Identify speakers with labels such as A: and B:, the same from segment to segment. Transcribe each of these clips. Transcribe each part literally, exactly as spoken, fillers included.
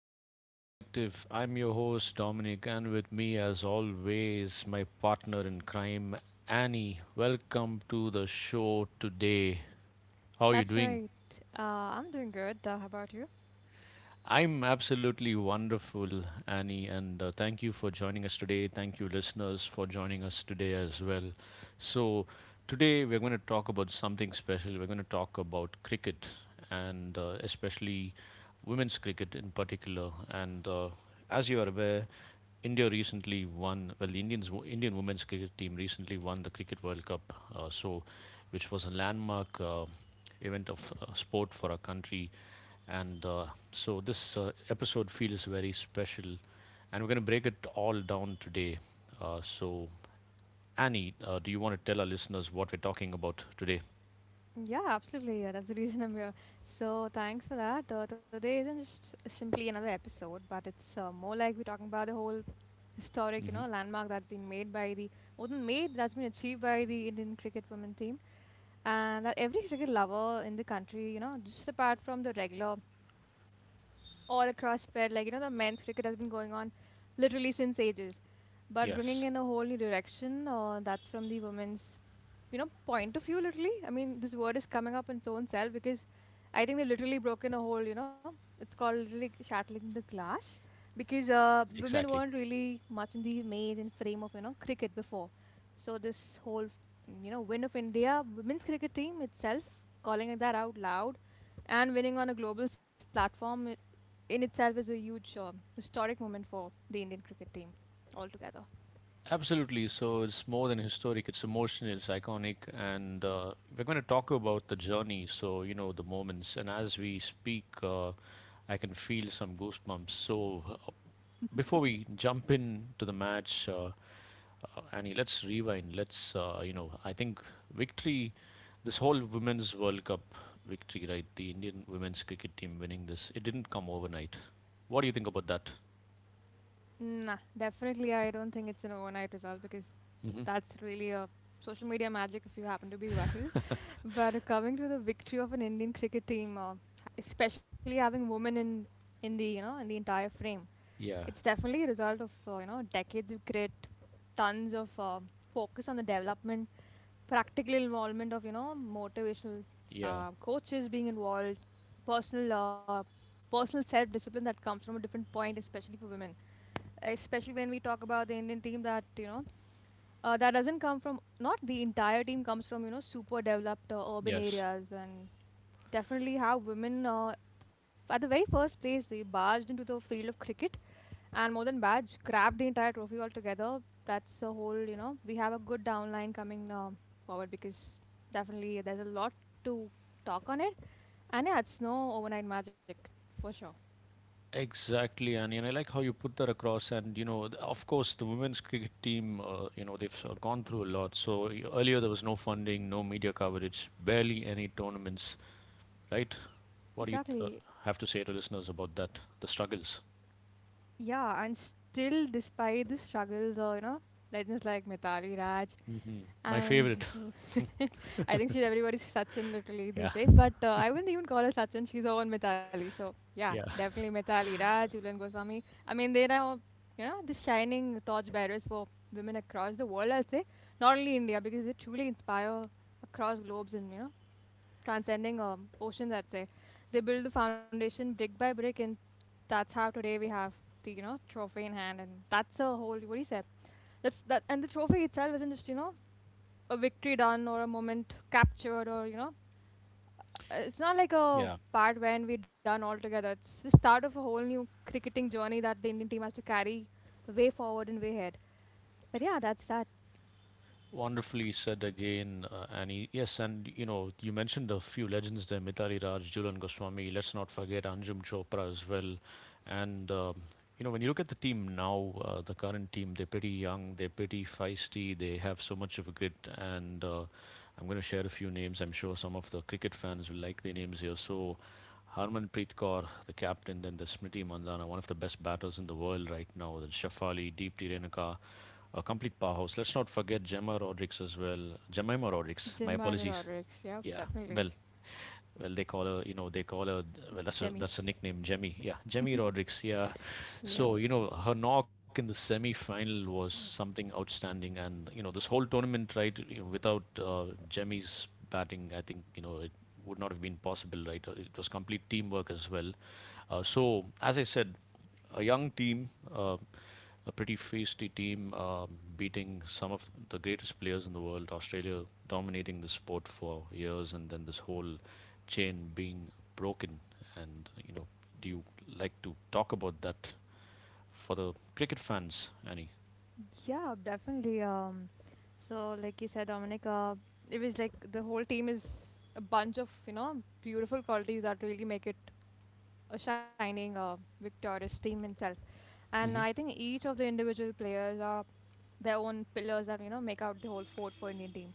A: of the Cricket Collective. I'm your host Dominic, and with me, as always, my partner in crime, Annie. Welcome to the show today. How are you
B: That's
A: doing?
B: right. Uh, I'm doing good. Uh, how about you?
A: I'm absolutely wonderful, Annie, and uh, thank you for joining us today. Thank you, listeners, for joining us today as well. So, Today we're going to talk about something special. We're going to talk about cricket, and uh, especially women's cricket in particular. And uh, As you are aware, India recently won. Well, the Indians, Indian women's cricket team recently won the Cricket World Cup. Uh, so, which was a landmark uh, event of uh, sport for our country, and uh, so this uh, episode feels very special, and we're going to break it all down today. Uh, so, Annie, uh, do you want to tell our listeners what we're talking about today?
B: Yeah, absolutely. Yeah, that's the reason I'm here. So thanks for that. Uh, today isn't just simply another episode, but it's uh, more like we're talking about the whole historic, you know,
A: Hmm.
B: landmark that's been made by the more than made that's been achieved by the Indian cricket women team, and that every cricket lover in the country, you know, just apart from the regular all across spread, like you know, the men's cricket has been going on literally since ages, but bringing
A: Yes,
B: in a whole new direction. Uh, that's from the women's you know point of view. Literally, I mean, this word is coming up in its own self because I think they've literally broken a hole, you know. It's called literally shattering the glass because uh, women
A: exactly.
B: weren't really much in the maze and frame of, you know, cricket before. So this whole, you know, win of India women's cricket team itself, calling it that out loud and winning on a global s- platform, i- in itself, is a huge uh, historic moment for the Indian cricket team altogether.
A: Absolutely. So it's more than historic, it's emotional, it's iconic, and uh, we're going to talk about the journey. So, you know, the moments. And as we speak, uh, I can feel some goosebumps. So, uh, before we jump in to the match, uh, Uh, Annie, let's rewind. Let's, uh, you know, I think victory, this whole Women's World Cup victory, right? The Indian women's cricket team winning this, it didn't come overnight. What do you think about that?
B: Nah, definitely. I don't think it's an overnight result because
A: Hmm.
B: that's really a social media magic if you happen to be viral. But uh, coming to the victory of an Indian cricket team, uh, especially having women in in the you know in the entire frame,
A: Yeah,
B: it's definitely a result of uh, you know decades of grit, tons of uh, focus on the development, practical involvement of you know motivational
A: yeah,
B: uh, coaches being involved, personal uh, personal self discipline that comes from a different point, especially for women. Especially when we talk about the Indian team that you know uh, that doesn't come from not the entire team comes from you know super developed uh, urban
A: yes.
B: areas. And definitely how women uh, at the very first place they barged into the field of cricket, and more than barged grabbed the entire trophy altogether. That's a whole, you know, we have a good downline coming uh, forward because definitely there's a lot to talk on it. And yeah, it's no overnight magic for sure.
A: Exactly, Annie. And I like how you put that across. And, you know, th- of course, the women's cricket team, uh, you know, they've uh, gone through a lot. So y- earlier there was no funding, no media coverage, barely any tournaments, right? What do you uh,
B: Exactly.
A: have to say to listeners about that, the struggles?
B: Yeah, and still despite the struggles, or you know, legends like Mitali Raj
A: Hmm. My
B: and
A: favorite.
B: I think she's everybody's Sachin literally
A: Yeah.
B: these days. But uh, I wouldn't even call her Sachin. She's her own Mithali. So yeah,
A: Yeah.
B: definitely Mithali Raj, Julian Goswami. I mean, they are you know the shining torch bearers for women across the world. I'll say not only India because they truly inspire across globes and, you know, transcending um, oceans. I'd say they build the foundation brick by brick, and that's how today we have the you know trophy in hand. And that's a whole what do you say? That's that. And the trophy itself isn't just, you know, a victory done or a moment captured or, you know, uh, it's not like a
A: Yeah.
B: part when we're done altogether. It's the start of a whole new cricketing journey that the Indian team has to carry way forward and way ahead. But yeah, that's that.
A: Wonderfully said again, uh, Annie. Yes, and you know, you mentioned a few legends there Mithali Raj, Julian Goswami. Let's not forget Anjum Chopra as well. And, um you know, when you look at the team now, uh, the current team, they're pretty young, they're pretty feisty, they have so much of a grit. And uh, I'm going to share a few names. I'm sure some of the cricket fans will like the names here. So, Harmanpreet Kaur, the captain, then the Smriti mandhana one of the best batters in the world right now, then Shafali, Deepti Renaka a complete powerhouse. Let's not forget Gemma Rodriguez as well. Jemima Rodriguez. My
B: Jemima
A: apologies.
B: Rodericks. Yep,
A: Yeah.
B: definitely.
A: Well, well, they call her. You know, they call her. Well, that's
B: Jemmy.
A: a that's a nickname, Jemmy. Yeah, Jemmy Rodriguez. Yeah.
B: Yep.
A: So you know, her knock in the semi-final was something outstanding, and you know, this whole tournament, right? You know, without uh, Jemmy's batting, I think you know it would not have been possible, right? Uh, It was complete teamwork as well. Uh, so as I said, a young team, uh, a pretty feisty team, um, beating some of the greatest players in the world. Australia dominating the sport for years, and then this whole chain being broken. And you know, do you like to talk about that for the cricket fans, Annie?
B: Yeah, definitely. Um, so like you said, Dominic, uh, it was like the whole team is a bunch of you know beautiful qualities that really make it a shining uh, victorious team itself, and
A: Hmm.
B: I think each of the individual players are their own pillars that you know make out the whole fort for Indian team.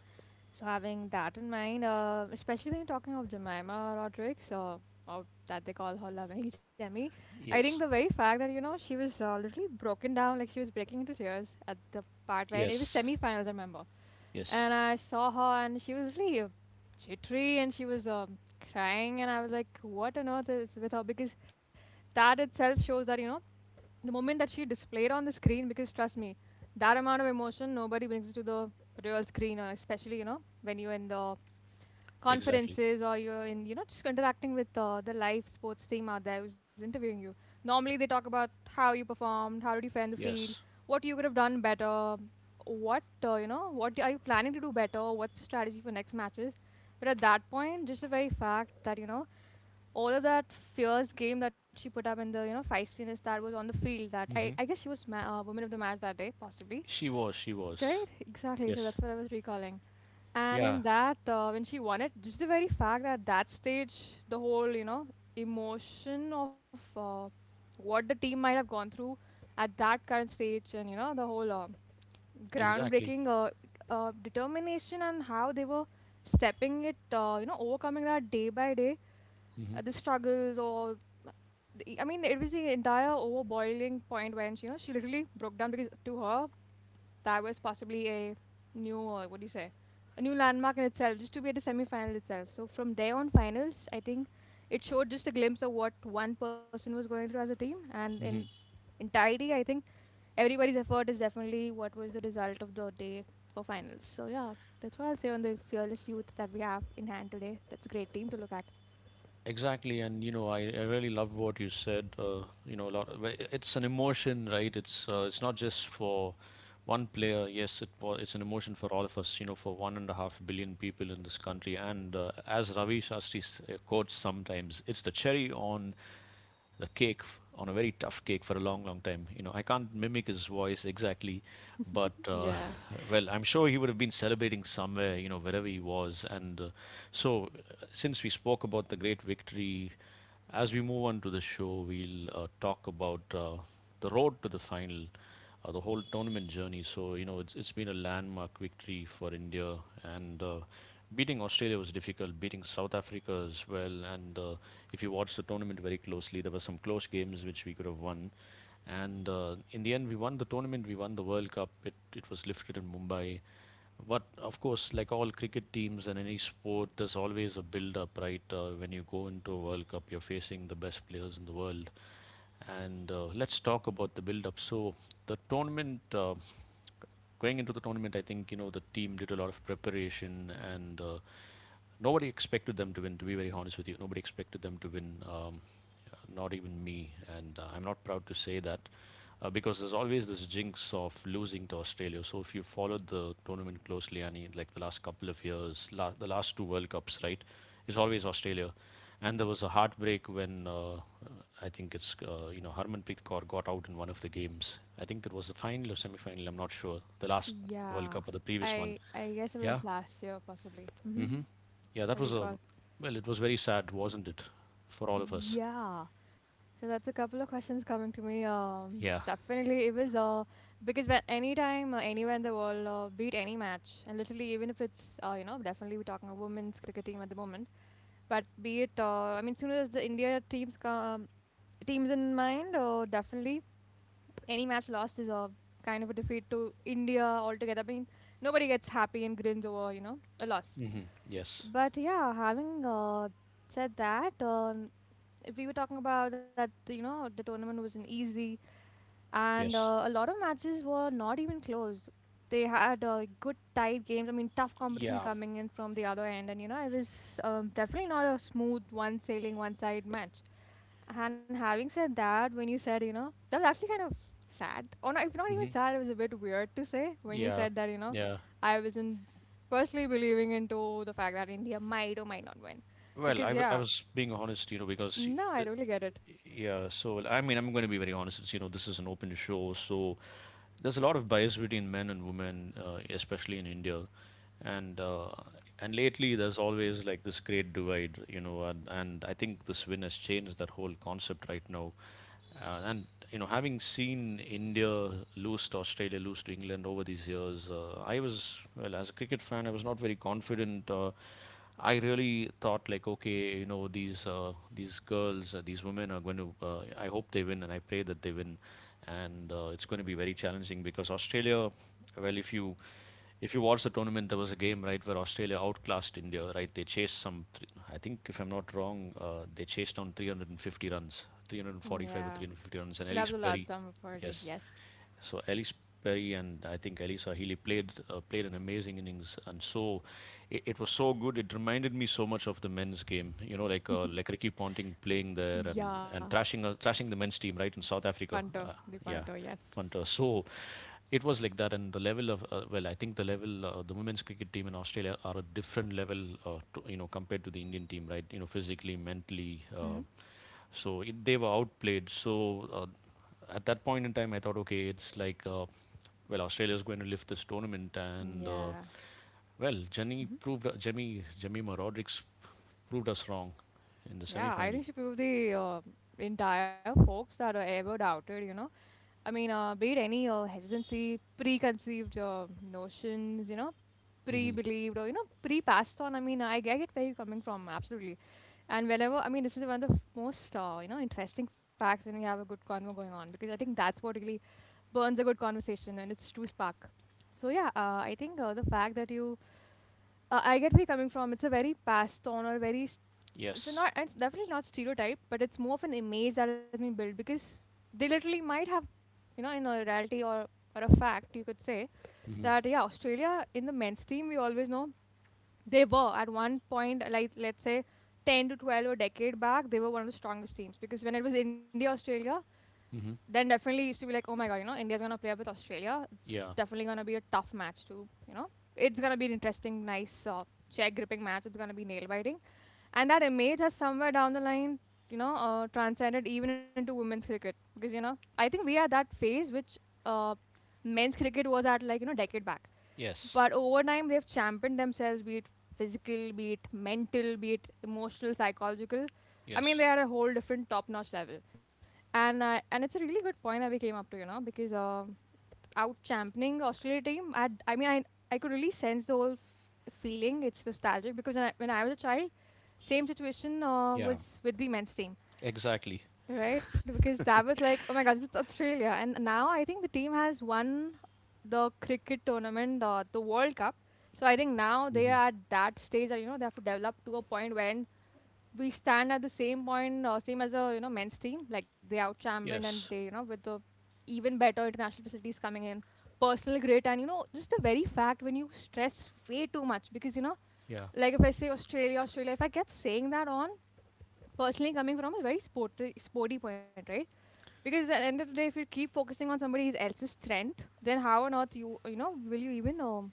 B: So having that in mind, uh, especially when you're talking of Jemima Rodriguez, uh, or that they call her lovingly Jemmy, I think
A: Yes,
B: the very fact that you know she was uh, literally broken down, like she was breaking into tears at the part when it was
A: yes,
B: semi-finals, I remember,
A: yes,
B: and I saw her and she was really uh, jittery and she was um, crying, and I was like, what on earth is with her? Because that itself shows that, you know, the moment that she displayed on the screen, because trust me that amount of emotion nobody brings to the real screen uh, especially you know when you're in the
A: exactly.
B: conferences or you're in, you know, just interacting with uh, the live sports team out there who's interviewing you. Normally they talk about how you performed, how did you fare in the field,
A: Yes,
B: what you could have done better, what uh, you know what are you planning to do better, what's the strategy for next matches. But at that point, just the very fact that, you know, all of that fierce game that she put up and the you know feistiness that was on the field, that I, I
A: hmm
B: guess she was ma- uh, woman of the match that day possibly.
A: she was, she was.
B: Right, exactly, so
A: Yes,
B: that's what I was recalling. And
A: yeah,
B: in that uh, when she won it, just the very fact that that stage, the whole you know emotion of uh, what the team might have gone through at that current stage, and you know the whole uh,
A: exactly.
B: groundbreaking uh, uh, determination, and how they were stepping it uh, you know overcoming that day by day
A: Hmm.
B: uh, the struggles, or the- I mean, it was the entire overboiling point when she, you know, she literally broke down because to her that was possibly a new, uh, what do you say, a new landmark in itself, just to be at the semi-final itself. So from there on, finals, I think it showed just a glimpse of what one person was going through as a team, and in entirety, I think everybody's effort is definitely what was the result of the day for finals. So yeah, that's what I'll say on the fearless youth that we have in hand today. That's a great team to look at.
A: Exactly, and you know, I, I really love what you said. Uh, you know, a lot. Of, it's an emotion, right? It's uh, it's not just for one player. Yes, it was. It's an emotion for all of us. You know, for one and a half billion people in this country. And uh, as Ravi Shastri s- uh, quotes sometimes, it's the cherry on the cake on a very tough cake for a long, long time. You know, I can't mimic his voice exactly, but uh,
B: Yeah.
A: well, I'm sure he would have been celebrating somewhere, you know, wherever he was. And uh, so, uh, since we spoke about the great victory, as we move on to the show, we'll uh, talk about uh, the road to the final uh, the whole tournament journey. So you know, it's it's been a landmark victory for India, and uh, beating Australia was difficult. Beating South Africa as well, and uh, if you watch the tournament very closely, there were some close games which we could have won. And uh, in the end, we won the tournament. We won the World Cup. It it was lifted in Mumbai, but of course, like all cricket teams and any sport, there's always a build up, right? Uh, when you go into a World Cup, you're facing the best players in the world. And uh, let's talk about the build up. So, the tournament, uh, going into the tournament, I think, you know, the team did a lot of preparation and uh, nobody expected them to win, to be very honest with you. Nobody expected them to win. Um, yeah, not even me. And uh, I'm not proud to say that uh, because there's always this jinx of losing to Australia. So if you followed the tournament closely, Annie, like the last couple of years, la- the last two World Cups, right, it's always Australia. And there was a heartbreak when uh, uh, I think it's uh, you know Harmanpreet Kaur got out in one of the games. I think it was the final or semi-final. I'm not sure. The last World
B: Yeah,
A: Cup or the previous one.
B: I I guess it
A: Yeah.
B: was last year possibly. Hmm.
A: Hmm. Yeah, that
B: I
A: was a
B: recall.
A: well. It was very sad, wasn't it, for all of us?
B: Yeah. So that's a couple of questions coming to me. Um,
A: Yeah.
B: definitely it was uh because when anytime uh, anywhere in the world uh, beat any match, and literally even if it's uh you know definitely we're talking a women's cricket team at the moment, but be it uh I mean soon as the India teams come teams in mind, uh, definitely any match lost is a kind of a defeat to India altogether. I mean nobody gets happy and grins over you know a loss.
A: Hmm. Yes.
B: But yeah, having uh, said that, um, we were talking about that, you know, the tournament wasn't easy, and uh,
A: Yes.
B: a lot of matches were not even close. They had uh, good tight games. I mean, tough competition
A: Yeah,
B: coming in from the other end, and you know, it was um, definitely not a smooth one sailing one side match. And having said that, when you said, you know, that was actually kind of sad, or not, if not even
A: hmm
B: sad, it was a bit weird to say when you
A: yeah,
B: said that, you know,
A: yeah.
B: I wasn't personally believing into the fact that India might or might not win,
A: Well, I,
B: because
A: w- I
B: yeah,
A: was being honest, you know, because
B: no, I
A: uh,
B: really get it.
A: yeah, so I mean, I'm going to be very honest. It's, you know, this is an open show, so there's a lot of bias between men and women, uh, especially in India, and uh, and lately there's always like this great divide, you know, and, and I think this win has changed that whole concept right now. Uh, and you know, having seen India lose to Australia, lose to England over these years, uh, I was well as a cricket fan, I was not very confident. Uh, I really thought like, okay, you know, these uh, these girls, uh, these women are going to. Uh, I hope they win, and I pray that they win. And uh, it's going to be very challenging because Australia. Well, if you if you watch the tournament, there was a game right where Australia outclassed India. Right, they chased some. Th- I think if I'm not wrong, uh, they chased down three hundred fifty runs,
B: Yeah,
A: three hundred forty-five or three hundred fifty runs,
B: that
A: and
B: was a
A: Elise
B: lot
A: Perry.
B: sum for the
A: Yes.
B: yes.
A: So Alice Perry and I think Elisa Healy played uh, played an amazing innings, and so it, it was so good. It reminded me so much of the men's game. You know, like uh, like Ricky Ponting playing there and
B: Yeah.
A: and thrashing uh, thrashing the men's team right in South Africa.
B: Panto,
A: Uh,
B: the Panto,
A: yeah,
B: yes.
A: Punter. So it was like that, and the level of uh, well, I think the level uh, the women's cricket team in Australia are a different level, uh, to, you know, compared to the Indian team, right? You know, physically, mentally. Uh,
B: Hmm.
A: so it, they were outplayed. So uh, at that point in time, I thought, okay, it's like, uh, well, Australia's going to lift this tournament, and uh,
B: Yeah.
A: well, Jenny
B: Hmm.
A: proved, Jemmy, Jemima Rodrigues proved us wrong in the
B: Yeah, I
A: semi-final.
B: think she proved the uh, entire folks that are ever doubted, you know. I mean, uh, be it any uh, hesitancy, preconceived uh, notions, you know,
A: Hmm.
B: pre-believed, or you know, pre-passed on. I mean, I, I get where you're coming from, absolutely. And whenever, I mean, this is one of the most, uh, you know, interesting facts when we have a good convo going on, because I think that's what really burns a good conversation and it's true spark. So yeah, uh, I think uh, the fact that you uh, I get where you're coming from. It's a very passed on, or very, s- if
A: Yes.
B: not, it's definitely not stereotype, but it's more of an image that has been built because they literally might have, you know, in a reality or or a fact, you could say
A: Hmm.
B: that yeah, Australia in the men's team, we always know they were at one point, like let's say, ten to twelve a decade back, they were one of the strongest teams, because when it was India Australia,
A: Hmm.
B: then definitely used to be like, oh my god, you know, India's gonna play up with Australia. It's
A: Yeah.
B: definitely gonna be a tough match to, you know, it's gonna be an interesting, nice, uh, chair gripping match. It's gonna be nail biting, and that image has somewhere down the line, you know, uh, transcended even into women's cricket because you know I think we are that phase which uh, men's cricket was at like you know decade back.
A: Yes.
B: But over time they've championed themselves, be it physical, be it mental, be it emotional, psychological. I mean,
A: Yes.
B: they are a whole different top notch level. And uh, and it's a really good point that we came up to, you know, because uh, out championing Australia team, i i mean i I could really sense the whole f- feeling. It's nostalgic because when I, when I was a child, same situation uh,
A: Yeah.
B: was with the men's team,
A: Exactly.
B: right? Because that was like, oh my gosh, it's Australia. And now I think the team has won the cricket tournament, the, the World Cup. So I think now they
A: Hmm.
B: are at that stage that, you know, they have to develop to a point when we stand at the same point, uh, same as the, you know, men's team, like they out championed, and they, you
A: Yes.
B: know, with the even better international facilities coming in, personal grit, and you know, just the very fact when you stress way too much, because you know,
A: Yeah.
B: like if I say Australia, Australia, if I kept saying that on, personally coming from a very sporty sporty point, right? Because at the end of the day, if you keep focusing on somebody else's strength, then how on earth you you know will you even um,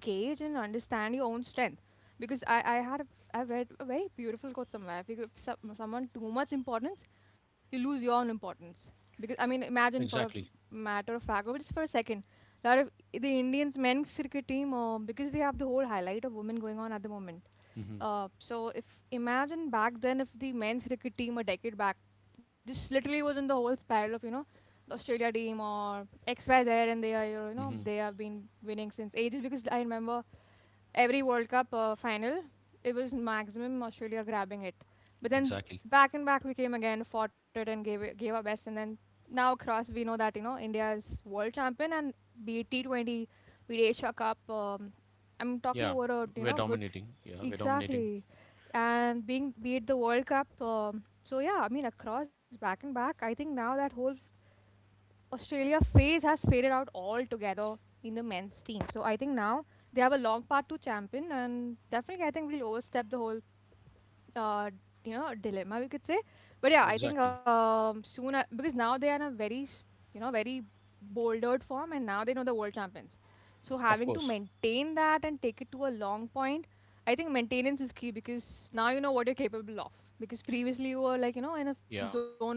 B: gauge and understand your own strength? Because I I had a, I've read a very beautiful quote somewhere. If you give some, someone too much importance, you lose your own importance. Because I mean, imagine for a
A: Exactly.
B: matter of fact, or just for a second, that if the Indians men's cricket team, uh, because we have the whole highlight of women going on at the moment,
A: Hmm.
B: uh, so if, imagine back then if the men's cricket team a decade back just literally was in the whole spiral of, you know, the Australia team or X Y Z, and they are, you know,
A: Hmm.
B: they have been winning since ages, because I remember every World Cup uh, final, it was maximum Australia grabbing it. But then
A: Exactly.
B: back and back we came again, fought it and gave it, gave our best. And then now across we know that, you know, India is world champion, and be it T twenty, be it Asia Cup. Um, I'm talking
A: Yeah.
B: about a, you
A: We're
B: know, good,
A: dominating. Yeah. We're dominating.
B: exactly, and being, be it the World Cup. Um, so yeah, I mean across back and back, I think now that whole Australia phase has faded out altogether in the men's team. So I think now they have a long part to champion, and definitely I think we'll overstep the whole, uh, you know, dilemma, we could say. But yeah, I think
A: Exactly.
B: um, soon I, because now they are in a very s- you know very bouldered form, and now they know the world champions. So
A: Of
B: having to
A: course.
B: maintain that and take it to a long point, I think maintenance is key because now you know what you're capable of. Because previously you were like, you know, in a
A: Yeah.
B: zone of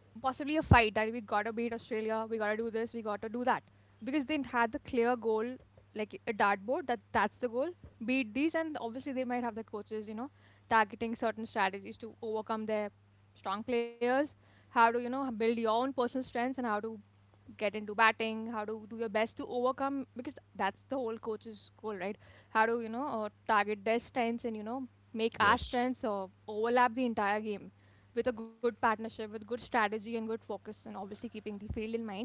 B: possibly a fight that we gotta beat Australia, we gotta do this, we gotta do that. Because they had the clear goal, like a dartboard, that that's the goal. Beat these, and obviously they might have the coaches, you know, targeting certain strategies to overcome their strong players. How to, you know, build your own personal strengths, and how to get into batting, how to do your best to overcome, because that's the whole coach's goal, right? How to, you know, uh, target their strengths and, you know, make our
A: Yes.
B: strengths uh, overlap the entire game with a good partnership, with good strategy and good focus, and obviously keeping the field in mind.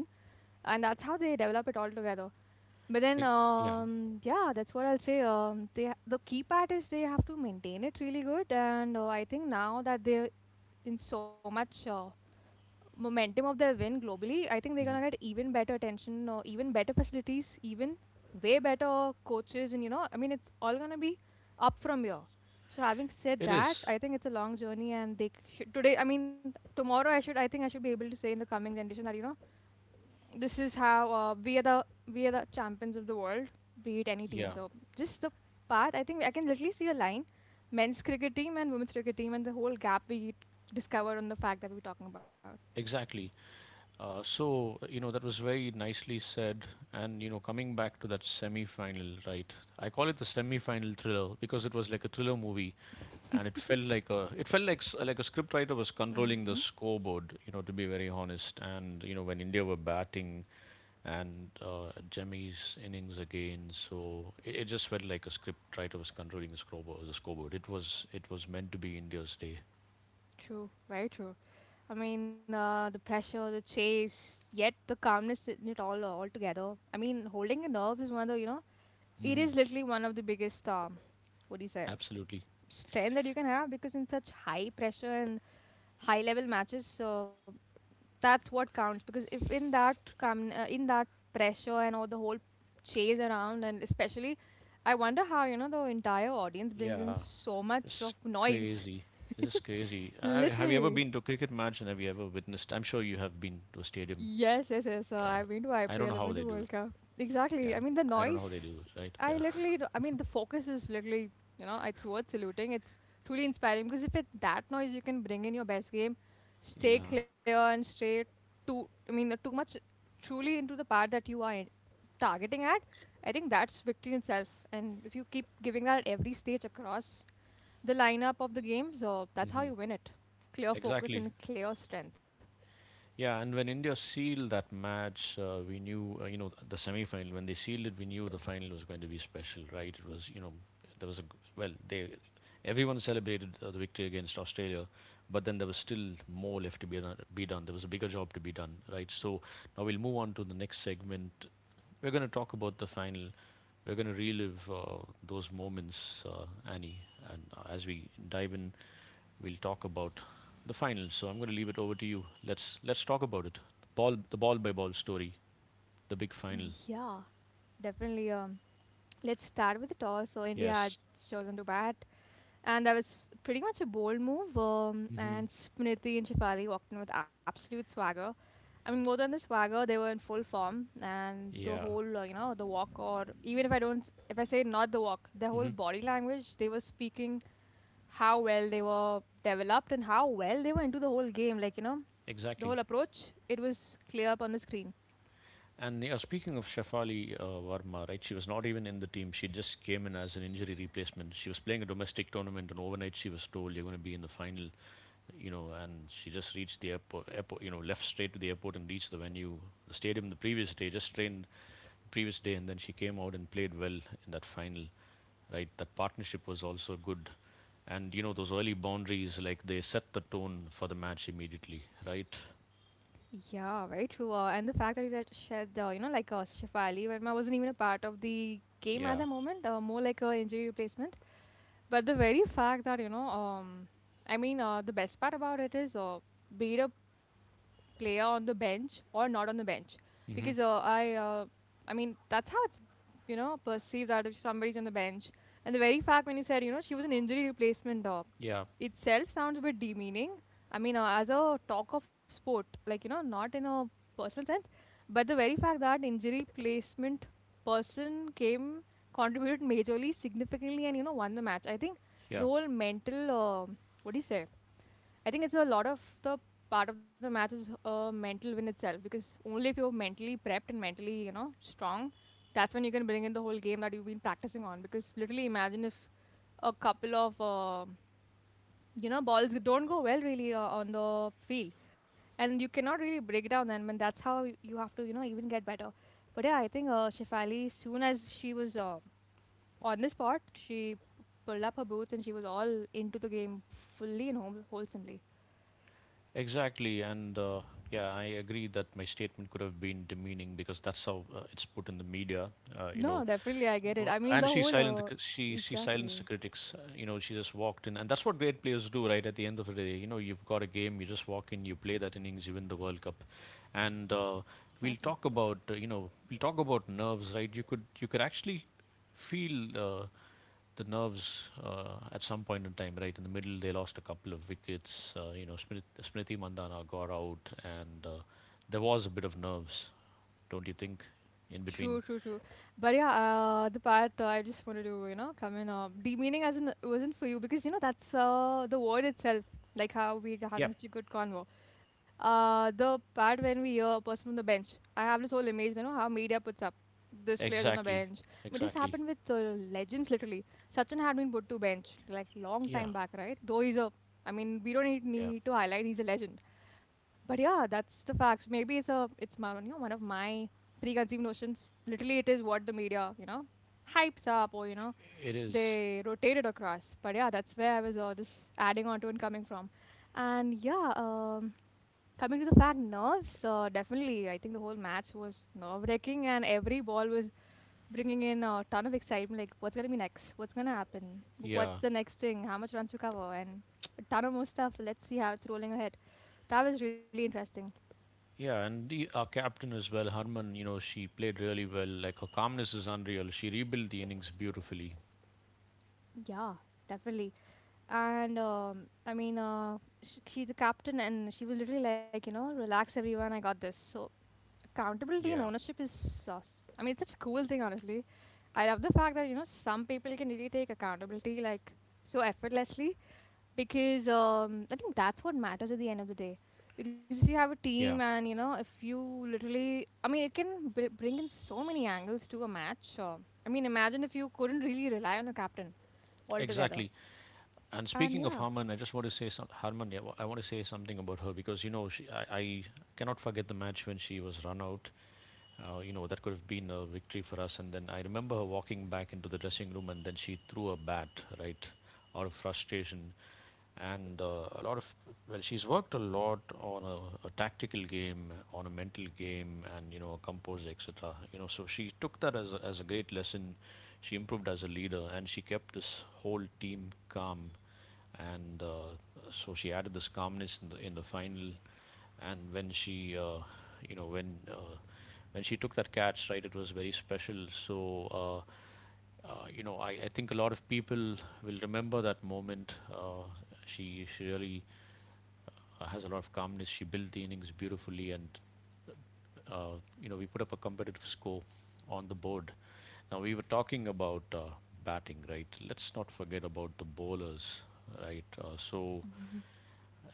B: And that's how they develop it all together. But then,
A: Ex- Yeah.
B: um, yeah, that's what I'll say. Um, they ha- the key part is they have to maintain it really good, and uh, I think now that they're in so much uh, momentum of their win globally, I think they're gonna
A: Mhm.
B: get even better attention or even better facilities, even way better coaches, and you know, I mean, it's all gonna be up from here. So having said
A: It
B: that,
A: is.
B: I think it's a long journey, and they should today. I mean, tomorrow I should. I think I should be able to say in the coming generation that, you know, this is how, uh, we are the, we are the champions of the world, be it any team.
A: Yeah.
B: So just the path. I think I can literally see a line: men's cricket team and women's cricket team, and the whole gap we discovered on the fact that we were talking about.
A: Exactly. Uh, so, you know, that was very nicely said. And, you know, coming back to that semi final, right? I call it the semi final thriller because it was like a thriller movie and it felt like a, it felt like, s- like a scriptwriter was controlling
B: Hmm.
A: the scoreboard, you know, to be very honest. And, you know, when India were batting and uh, Jemmy's innings again, so it, it just felt like a scriptwriter was controlling the scoreboard, the scoreboard. It was, it was meant to be India's day.
B: True, very true. I mean, uh, the pressure, the chase, yet the calmness in it all, uh, all together. I mean, holding the nerves is one of the, you know, it
A: Hmm.
B: is literally one of the biggest, um, what do you say,
A: Absolutely.
B: strength that you can have, because in such high pressure and high level matches, so that's what counts. Because if in that calm, uh, in that pressure and all the whole chase around, and especially, I wonder how, you know, the entire audience brings in
A: Yeah.
B: so much
A: It's
B: of noise,
A: crazy. It's crazy. Have have you ever
B: literally.
A: been to a cricket match and have you ever witnessed? I'm sure you have been to a stadium.
B: Yes, yes, yes. Uh, I've
A: Yeah.
B: been to
A: I
B: I P L,
A: don't
B: I've
A: know
B: been
A: how
B: to
A: they
B: World
A: do it.
B: Cup. Exactly.
A: Yeah.
B: I mean, the
A: I don't know how they do
B: noise,
A: it, right?
B: I
A: Yeah.
B: literally, d- I mean, the focus is literally, you know, it's worth saluting. It's truly inspiring because if it's that noise, you can bring in your best game, stay
A: Yeah.
B: clear and stay too, I mean, uh, too much truly into the part that you are in- targeting at. I think that's victory in itself. And if you keep giving that at every stage across the lineup of the games, so that's how
A: Hmm.
B: you win it. Clear focus
A: Exactly.
B: and clear strength.
A: Yeah, and when India sealed that match, uh, we knew, uh, you know, the semi-final. When they sealed it, we knew the final was going to be special, right? It was, you know, there was a g- well, they everyone celebrated uh, the victory against Australia, but then there was still more left to be done, be done. There was a bigger job to be done, right? So now we'll move on to the next segment. We're going to talk about the final. We're going to relive uh, those moments, uh, Annie, and uh, as we dive in we'll talk about the finals. So I'm going to leave it over to you. Let's let's talk about it. Ball, the ball by ball story, the big final.
B: Yeah, definitely. Um. Let's start with the toss. So India
A: Yes.
B: had chosen to bat, and that was pretty much a bold move. Um,
A: Hmm.
B: and Smriti and Shefali walked in with absolute swagger. I mean, more than the swagger, they were in full form, and the
A: Yeah.
B: whole, uh, you know, the walk, or even if I don't, if I say not the walk, their whole
A: Hmm.
B: body language, they were speaking how well they were developed and how well they were into the whole game. Like, you know, the whole
A: Exactly.
B: approach, it was clear up on the screen.
A: And yeah, speaking of Shafali uh, Varma, right? She was not even in the team. She just came in as an injury replacement. She was playing a domestic tournament, and overnight she was told, "You're going to be in the final," you know. And she just reached the airport, airport, you know, left straight to the airport and reached the venue, the stadium, the previous day. Just trained the previous day, and then she came out and played well in that final. Right? That partnership was also good. And, you know, those early boundaries, like they set the tone for the match immediately, right?
B: Yeah, very true. Uh, and the fact that you that said, uh, you know, like uh, Shefali Verma wasn't even a part of the game at
A: Yeah.
B: the moment, uh, more like a injury replacement. But the very fact that, you know, um, I mean, uh, the best part about it is, uh, be it a player on the bench or not on the bench, because
A: Hmm.
B: uh, I, uh, I mean, that's how it's, you know, perceived that if somebody's on the bench. And the very fact when you said, you know, she was an injury replacement, uh,
A: Yeah.
B: itself sounds a bit demeaning. I mean, uh, as a talk of sport, like, you know, not in a personal sense, but the very fact that injury placement person came, contributed majorly, significantly, and, you know, won the match. I think the
A: Yeah.
B: whole mental, uh, what do you say? I think it's a lot of the part of the match is a mental win itself, because only if you're mentally prepped and mentally, you know, strong, that's when you can bring in the whole game that you've been practicing on. Because literally, imagine if a couple of, uh, you know, balls don't go well really, uh, on the field, and you cannot really break down them, and that's how y- you have to, you know, even get better. But yeah, I think uh, Shefali, soon as she was, uh, on the spot, she pulled up her boots, and she was all into the game fully and whole- wholesomely.
A: Exactly, and uh, yeah, I agree that my statement could have been demeaning because that's how uh, it's put in the media. Uh, you know,
B: No, definitely I get it.
A: Wha-
B: I mean, the
A: and she
B: whole
A: silenced the
B: uh,
A: cri- she she silenced the
B: exactly,
A: critics. uh, You know, she just walked in, and that's what great players do, right? At the end of the day, you know, you've got a game, you just walk in, you play that innings, you win the World Cup, and uh,
B: exactly.
A: we'll talk about uh, you know we'll talk about nerves, right? You could you could actually feel. Uh, the nerves uh, at some point in time, right in the middle, they lost a couple of wickets. Uh, you know, Smriti, Smriti Mandana got out, and uh, there was a bit of nerves, don't you think, in
B: True,
A: between?
B: true, true. But yeah, uh, the part uh, I just wanted to, you know, come in. Uh, demeaning, as in, wasn't for you, because you know that's uh, the word itself. Like how we are having
A: Yep,
B: such a good convo. Uh, the part when we hear a person from the bench. I have this whole image, you know, how media puts up this players on the
A: exactly,
B: bench. I mean, this
A: exactly.
B: happened with uh, legends literally. Sachin had been put to bench like long
A: Yeah,
B: time back, right? Though he's a, I mean, we don't need,
A: yeah,
B: need to highlight he's a legend. But yeah, that's the facts. Maybe it's a, it's my, you know, one of my preconceived notions. Literally, it is what the media, you know, hypes up, or you know,
A: it is.
B: they rotate it across. But yeah, that's where I was, uh, just adding on to and coming from. And yeah, um, coming to the fact, nerves, uh, definitely I think the whole match was nerve wracking, and every ball was bringing in a ton of excitement, like what's going to be next, what's going to happen, what's
A: Yeah,
B: the next thing, how much runs to cover, and a ton of more stuff. Let's see how it's rolling ahead. That was really interesting.
A: yeah, and the, our captain as well, Harman. You know, she played really well. Like her calmness is unreal. She rebuilt the innings beautifully.
B: Yeah, definitely. And um, I mean, uh, sh- she's the captain, and she was literally like, you know, relax, everyone, I got this. So accountability and
A: Yeah,
B: ownership is sauce. I mean, it's such a cool thing, honestly. I love the fact that you know some people can really take accountability like so effortlessly because um, I think that's what matters at the end of the day. Because if you have a team
A: yeah,
B: and you know if you literally, I mean, it can b- bring in so many angles to a match. Or, I mean, imagine if you couldn't really rely on a captain altogether.
A: exactly. And
B: And
A: speaking of
B: yeah,
A: Harmon, I just want to say some Harmon. Yeah, I want to say something about her because you know she, I, I cannot forget the match when she was run out. Uh, you know that could have been a victory for us. And then I remember her walking back into the dressing room, and then she threw a bat right out of frustration. And uh, a lot of well, she's worked a lot on a, a tactical game, on a mental game, and you know, composed, composer, etcetera. You know, so she took that as a, as a great lesson. She improved as a leader, and she kept this whole team calm. And uh, So she added this calmness in the in the final. And when she, uh, you know, when uh, when she took that catch, right, it was very special. So. Uh, uh, you know, I, I think a lot of people will remember that moment. Uh, she, she really uh, has a lot of calmness. She built the innings beautifully, and uh, you know we put up a competitive score on the board. Now we were talking about uh, batting, right? Let's not forget about the bowlers, right? Uh, so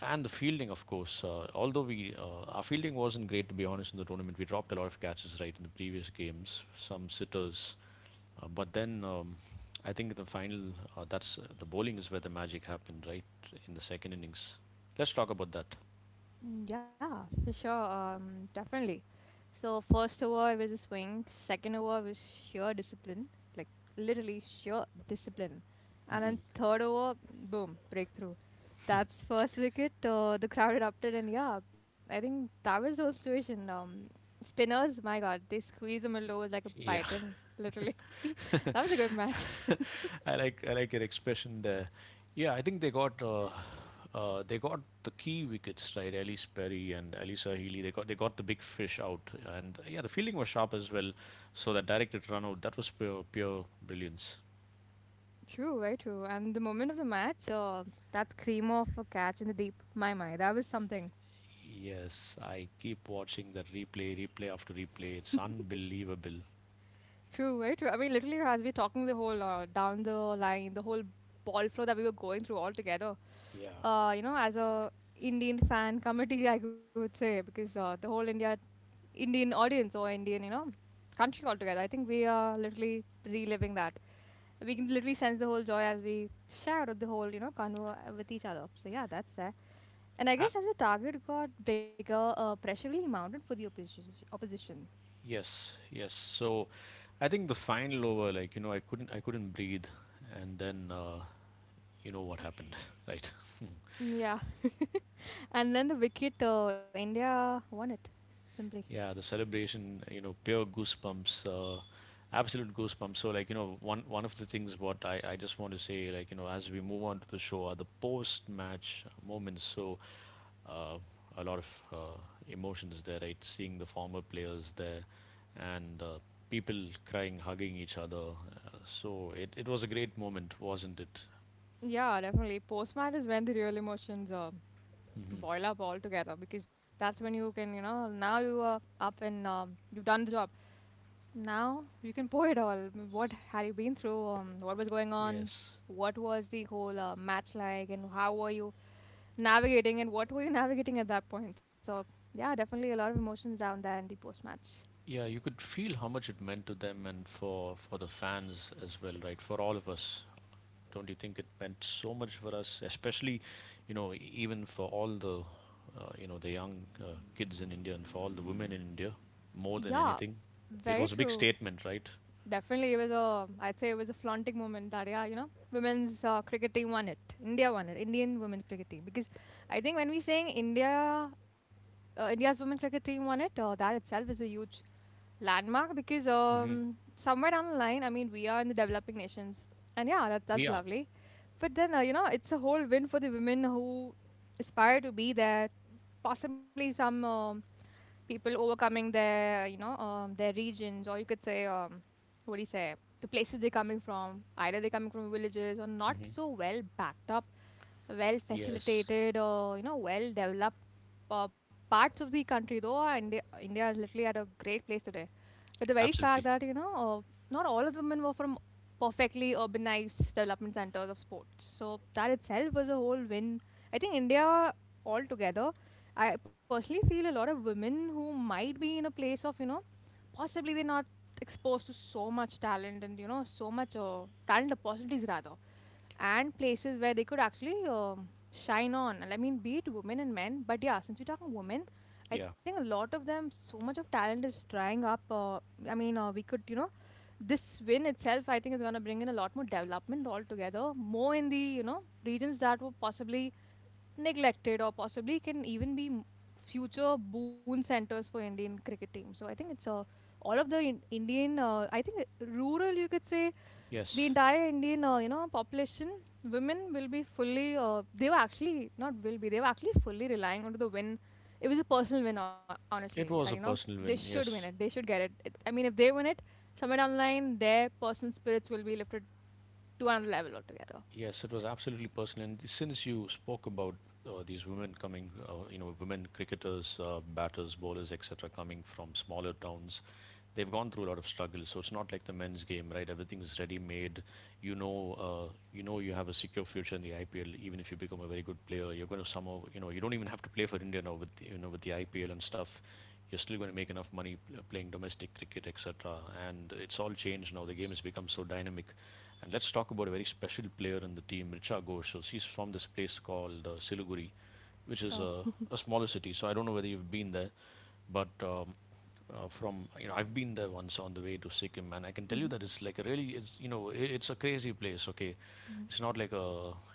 A: and the fielding, of course. Uh, although we uh, our fielding wasn't great to be honest in the tournament, we dropped a lot of catches right in the previous games, some sitters, uh, but then. Um, I think in the final, uh, that's uh, the bowling is where the magic happened, right? In the second innings. Let's talk about that.
B: mm, yeah, for sure, um, definitely. So first over it was a swing. Second over was sheer discipline, like literally sheer discipline. And then
A: Hmm.
B: third over, boom, breakthrough. That's first wicket. Uh, the crowd erupted, and yeah, I think that was the whole situation. Um, spinners, my God, they squeezed the middle overs like a
A: Yeah,
B: python, literally. That was a good match.
A: I like I like your expression there. Yeah, I think they got uh, uh, they got the key wickets right. Ellis Perry and Alisa Healy. They got they got the big fish out, and uh, yeah, the fielding was sharp as well. So that directed run out that was pure pure brilliance.
B: True, very true. And the moment of the match, uh, that scream of a catch in the deep, my my, that was something.
A: Yes, I keep watching that replay, replay after replay. It's unbelievable.
B: True, very true. I mean, literally, as we're talking the whole uh, down the line, the whole ball flow that we were going through all together.
A: Yeah.
B: Uh, you know, as a Indian fan committee, I would say, because uh, the whole India Indian audience or Indian, you know, country altogether. I think we are literally reliving that. We can literally sense the whole joy as we share the whole, you know, convo uh, with each other. So yeah, that's there. And I
A: Ah,
B: guess as the target got bigger, uh, pressure really mounted for the opposi- opposition.
A: yes, yes. So I think the final over, like you know, I couldn't I couldn't breathe, and then uh, you know what happened, right?
B: Yeah, and then the wicket, uh, India won it simply.
A: Yeah, the celebration, you know, pure goosebumps, uh, absolute goosebumps. So, like, you know, one one of the things what I, I just want to say, like, you know, as we move on to the show are the post-match moments. So, uh, a lot of uh, emotions there, right? Seeing the former players there and uh, people crying, hugging each other. Uh, so it, it was a great moment, wasn't it?
B: Yeah, definitely. Post match is when the real emotions uh,
A: Hmm.
B: boil up altogether because that's when you can, you know, now you are up and um, you've done the job. Now you can pour it all. What had you been through? Um, what was going on?
A: Yes.
B: What was the whole uh, match like? And how were you navigating, and what were you navigating at that point? So yeah, definitely a lot of emotions down there in the post match.
A: Yeah, you could feel how much it meant to them and for for the fans as well, right? For all of us. Don't you think it meant so much for us, especially, you know, e- even for all the, uh, you know, the young uh, kids in India and for all the women in India, more than
B: Yeah,
A: anything? It
B: very
A: was a big
B: true.
A: statement, right?
B: Definitely it was a, I'd say it was a flaunting moment that, yeah, you know, women's uh, cricket team won it, India won it, Indian women cricket team. Because I think when we saying India, uh, India's women cricket team won it, uh, that itself is a huge landmark, because
A: Mm-hmm.
B: um somewhere down the line, I mean, we are in the developing nations, and yeah, that that's
A: Yeah.
B: lovely. But then uh, you know, it's a whole win for the women who aspire to be there. Possibly some um, people overcoming their, you know, um, their regions, or you could say, um, what do you say, the places they're coming from. Either they're coming from villages or not
A: Hmm.
B: so well backed up, well
A: Yes.
B: facilitated, or you know well developed. Uh, parts of the country though, uh, India, India is literally at a great place today, but the very fact
A: Absolutely.
B: that, you know, uh, not all of the women were from perfectly urbanized development centers of sports. So that itself was a whole win. I think India altogether, I personally feel a lot of women who might be in a place of, you know, possibly they're not exposed to so much talent and you know so much uh, talent opportunities rather, and places where they could actually um, shine on. And I mean, be it women and men, but yeah, since we're talking women, I
A: Yeah.
B: think a lot of them, so much of talent is drying up. Uh, I mean, uh, we could, you know, this win itself, I think, is going to bring in a lot more development altogether, more in the, you know, regions that were possibly neglected or possibly can even be m- future boon centers for Indian cricket team. So I think it's uh, all of the in- Indian, uh, I think uh, rural, you could say, the
A: Yes.
B: entire Indian, uh, you know, population, women will be fully, uh, they were actually, not will be, they were actually fully relying on the win. It was a personal win, ho- honestly, that,
A: It
B: you
A: was
B: know,
A: a
B: they
A: personal win.
B: should win it.
A: Yes.
B: They should get it. it. I mean, if they win it, somewhere down the line, their personal spirits will be lifted to another level altogether.
A: Yes, it was absolutely personal. And since you spoke about uh, these women coming, uh, you know, women cricketers, uh, batters, bowlers, etcetera, coming from smaller towns, they've gone through a lot of struggle. So it's not like the men's game, right? Everything is ready made. You know, uh, you know, you have a secure future in the I P L. Even if you become a very good player, you're going to somehow, you know, you don't even have to play for India now with you know with the I P L and stuff you're still going to make enough money playing domestic cricket, etcetera. And it's all changed now. The game has become so dynamic. And let's talk about a very special player in the team, Richa Ghosh. So she's from this place called uh, Siliguri, which is
B: Oh.
A: a, a smaller city. So I don't know whether you've been there, but um, uh, from you know I've been there once on the way to Sikkim, and I can tell you
B: Hmm.
A: that it's like a really it's you know I it's a crazy place. Okay, it's not like a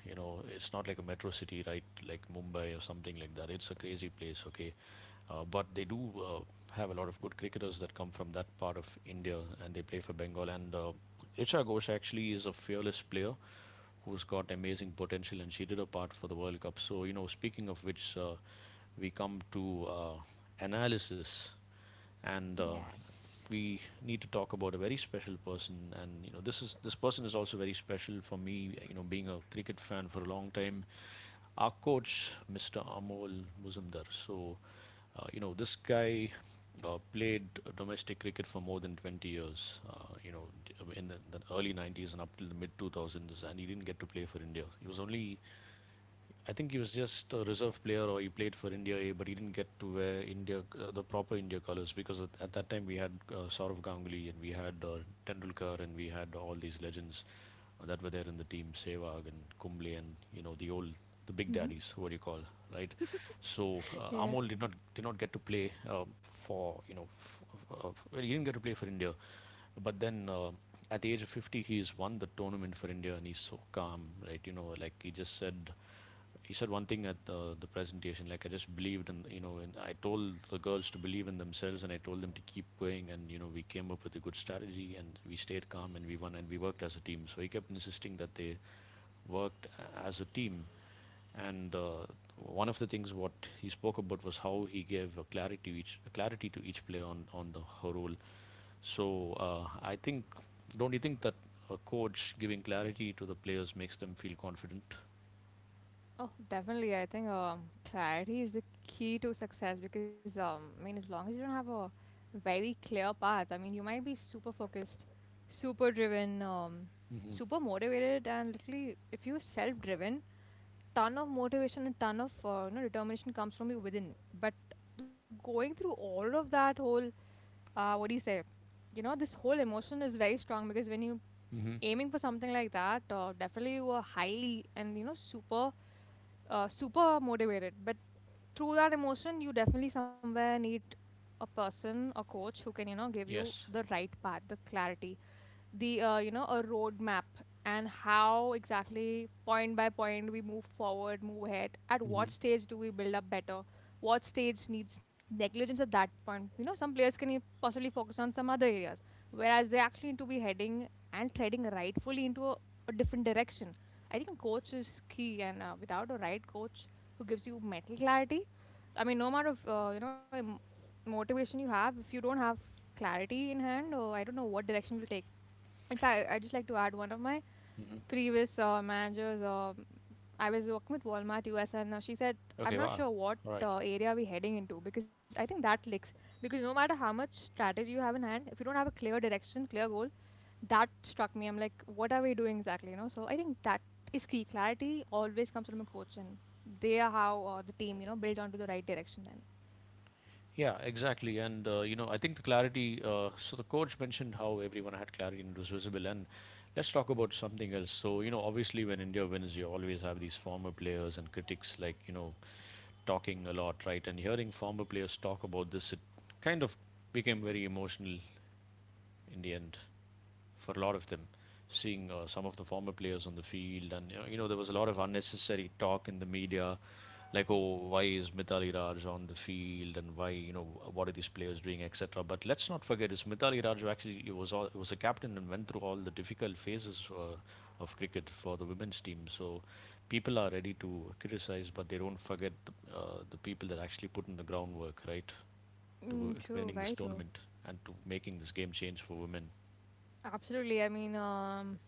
A: you know it's not like a metro city, right? Like Mumbai or something like that. It's a crazy place. Okay, uh, but they do uh, have a lot of good cricketers that come from that part of India and they play for Bengal. And uh, Richa Ghosh actually is a fearless player who's got amazing potential and she did her part for the World Cup. So, you know, speaking of which, uh, we come to uh, analysis and uh,
B: Yes.
A: we need to talk about a very special person and you know this is this person is also very special for me you know being a cricket fan for a long time our coach, mister Amol Muzumdar. So, uh, you know, this guy uh, played domestic cricket for more than twenty years, uh, you know, in the, the early nineties and up till the mid two thousands, and he didn't get to play for India. He was only I think he was just a reserve player or he played for India A, but he didn't get to wear India uh, the proper India colours because at, at that time we had uh, Saurav Ganguly and we had uh, Tendulkar and we had all these legends uh, that were there in the team, Sehwag and Kumble and you know the old the big
B: Mm-hmm.
A: daddies, what do you call, right? So uh,
B: Yeah.
A: Amol did not did not get to play uh, for you know f- uh, well he didn't get to play for India, but then uh, at the age of fifty he's won the tournament for India and he's so calm, right? You know like he just said he said one thing at the, the presentation like I just believed in you know and I told the girls to believe in themselves and I told them to keep going and you know we came up with a good strategy and we stayed calm and we won and we worked as a team so he kept insisting that they worked as a team and uh, one of the things what he spoke about was how he gave a clarity each a clarity to each player on on the her role so uh, I think don't you think that a coach giving clarity to the players makes them feel confident
B: Oh, definitely. I think um, clarity is the key to success because um, I mean, as long as you don't have a very clear path, I mean, you might be super focused, super driven, um,
A: Mm-hmm.
B: super motivated, and literally, if you're self-driven, ton of motivation and ton of uh, you know determination comes from you within. But going through all of that whole, uh, what do you say? You know, this whole emotion is very strong because when you're
A: Mm-hmm.
B: aiming for something like that, uh, definitely you are highly and you know super uh, super motivated. But through that emotion you definitely somewhere need a person, a coach who can you know give you
A: Yes.
B: the right path, the clarity, the uh, you know a roadmap, and how exactly point by point we move forward, move ahead, at
A: Hmm.
B: what stage do we build up better, what stage needs negligence at that point. You know, some players can e- possibly focus on some other areas, whereas they actually need to be heading and treading rightfully into a, a different direction. I think coach is key, and uh, without a right coach who gives you mental clarity, I mean, no matter of uh, you know em- motivation you have, if you don't have clarity in hand, or I don't know what direction will take. In fact, I just like to add one of my
A: Hmm.
B: previous uh, managers. Um, I was working with Walmart U S, and uh, she said, "I'm
A: Okay,
B: not
A: wow.
B: sure what
A: All right.
B: uh, area we're heading into, because I think that licks." Because no matter how much strategy you have in hand, if you don't have a clear direction, clear goal, that struck me. I'm like, what are we doing exactly? You know. So I think that is key. Clarity always comes from a coach, and they are how uh, the team, you know, built onto the right direction. Then.
A: Yeah, exactly. And uh, you know, I think the clarity, uh, so the coach mentioned how everyone had clarity and it was visible. And let's talk about something else. So, you know, obviously when India wins, you always have these former players and critics like, you know, talking a lot, right? And hearing former players talk about this, it kind of became very emotional in the end. For a lot of them. Seeing uh, some of the former players on the field, and you know, there was a lot of unnecessary talk in the media, like, oh, why is Mithali Raj on the field, and why, you know, what are these players doing, et cetera. But let's not forget, it's Mithali Raj who actually he was all, he was a captain and went through all the difficult phases uh, of cricket for the women's team. So people are ready to criticize, but they don't forget the, uh, the people that actually put in the groundwork, right,
B: Mm,
A: to
B: true. Very
A: winning this
B: true.
A: tournament and to making this game change for women.
B: Absolutely. I mean, um,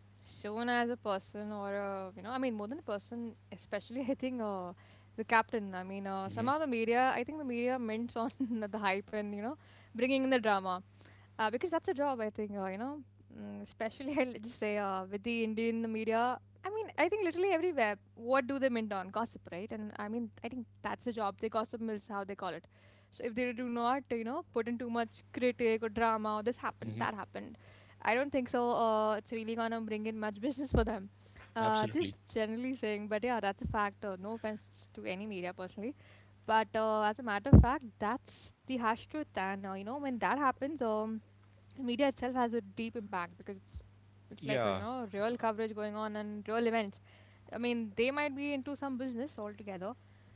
B: shown as a person or a, you know, I mean, more than a person, especially I think uh, the captain. I mean, uh,
A: Mm-hmm.
B: somehow the media, I think the media mints on the hype and, you know, bringing in the drama uh, because that's a job. I think uh, you know, mm, especially, I'll just say uh, with the Indian media, I mean, I think literally everywhere, what do they mint on? Gossip, right? And I mean, I think that's the job. They gossip mills, how they call it. So if they do not, you know, put in too much critique or drama or this happened,
A: Mm-hmm.
B: that happened, I don't think so uh, it's really gonna bring in much business for them. Uh,
A: Absolutely.
B: just generally saying, but yeah, that's a fact. Uh, no offense to any media personally, but uh, as a matter of fact, that's the hash truth. And uh, you know, when that happens, um and media itself has a deep impact, because it's it's like a, you
A: Yeah.
B: know, real coverage going on and real events. I mean, they might be into some business altogether,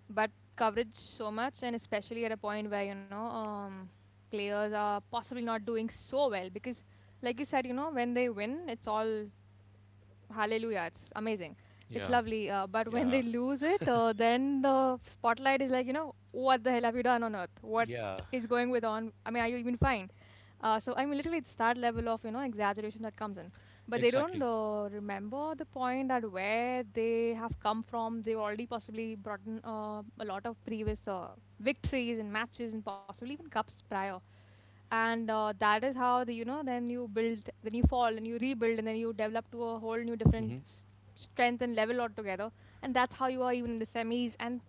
B: but coverage so much, and especially at a point where you know um, players are possibly not doing so well, because like you said, you know, when they win it's all hallelujah, it's amazing, it's
A: Yeah.
B: lovely. Uh, but when they
A: Yeah.
B: lose it, uh, then the spotlight is like, you know, what the hell have you done on earth, what
A: Yeah.
B: is going with on, I mean, are you even fine? Uh, so I mean, literally, it's that level of you know exaggeration that comes in. But they don't
A: Exactly.
B: uh, remember the point that where they have come from. They already possibly brought in uh, a lot of previous uh, victories and matches and possibly even cups prior and uh, that is how, the, you know, then you build, then you fall and you rebuild, and then you develop to a whole new different
A: Hmm.
B: s- strength and level altogether. And that's how you are even in the semis, and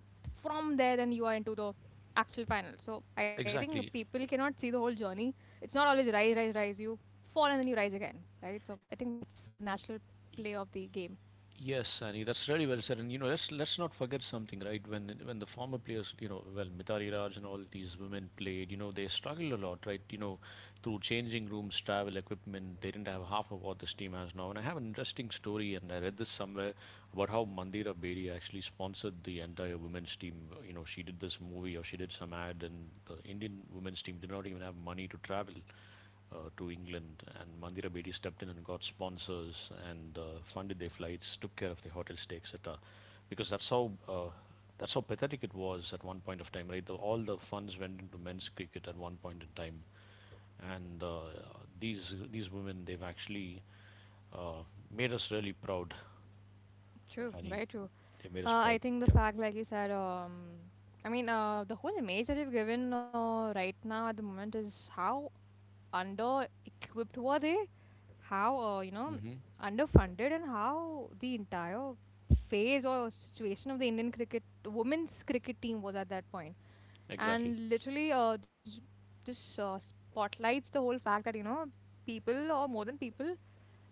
B: from there then you are into the actual final. So I think
A: Exactly.
B: people cannot see the whole journey. It's not always rise, rise, rise. You fall and then you rise again, right? So I think that's a natural play of the game.
A: Yes, Annie, that's really well said. And you know, let's let's not forget something, right? When when the former players, you know, well, Mitari Raj and all these women played, you know, they struggled a lot, right? You know, through changing rooms, travel, equipment, they didn't have half of what this team has now. And I have an interesting story, and I read this somewhere about how Mandira Bedi actually sponsored the entire women's team. You know, she did this movie or she did some ad, and the Indian women's team did not even have money to travel uh, to England, and Mandira Bedi stepped in and got sponsors and uh, funded their flights, took care of their hotel stay, et cetera. Because that's how uh, that's how pathetic it was at one point of time, right? The, all the funds went into men's cricket at one point in time, and uh, these these women they've actually uh, made us really proud,
B: True,
A: Annie.
B: very true.
A: They made us
B: uh, I
A: proud.
B: think the
A: Yeah.
B: fact, like you said, um I mean, uh, the whole image that you've given uh, right now at the moment is how under equipped were they? How, uh, you know,
A: Hmm.
B: underfunded, and how the entire phase or situation of the Indian cricket, women's cricket team was at that point.
A: Exactly.
B: And literally, uh, this, this uh, spotlights the whole fact that, you know, people, or more than people,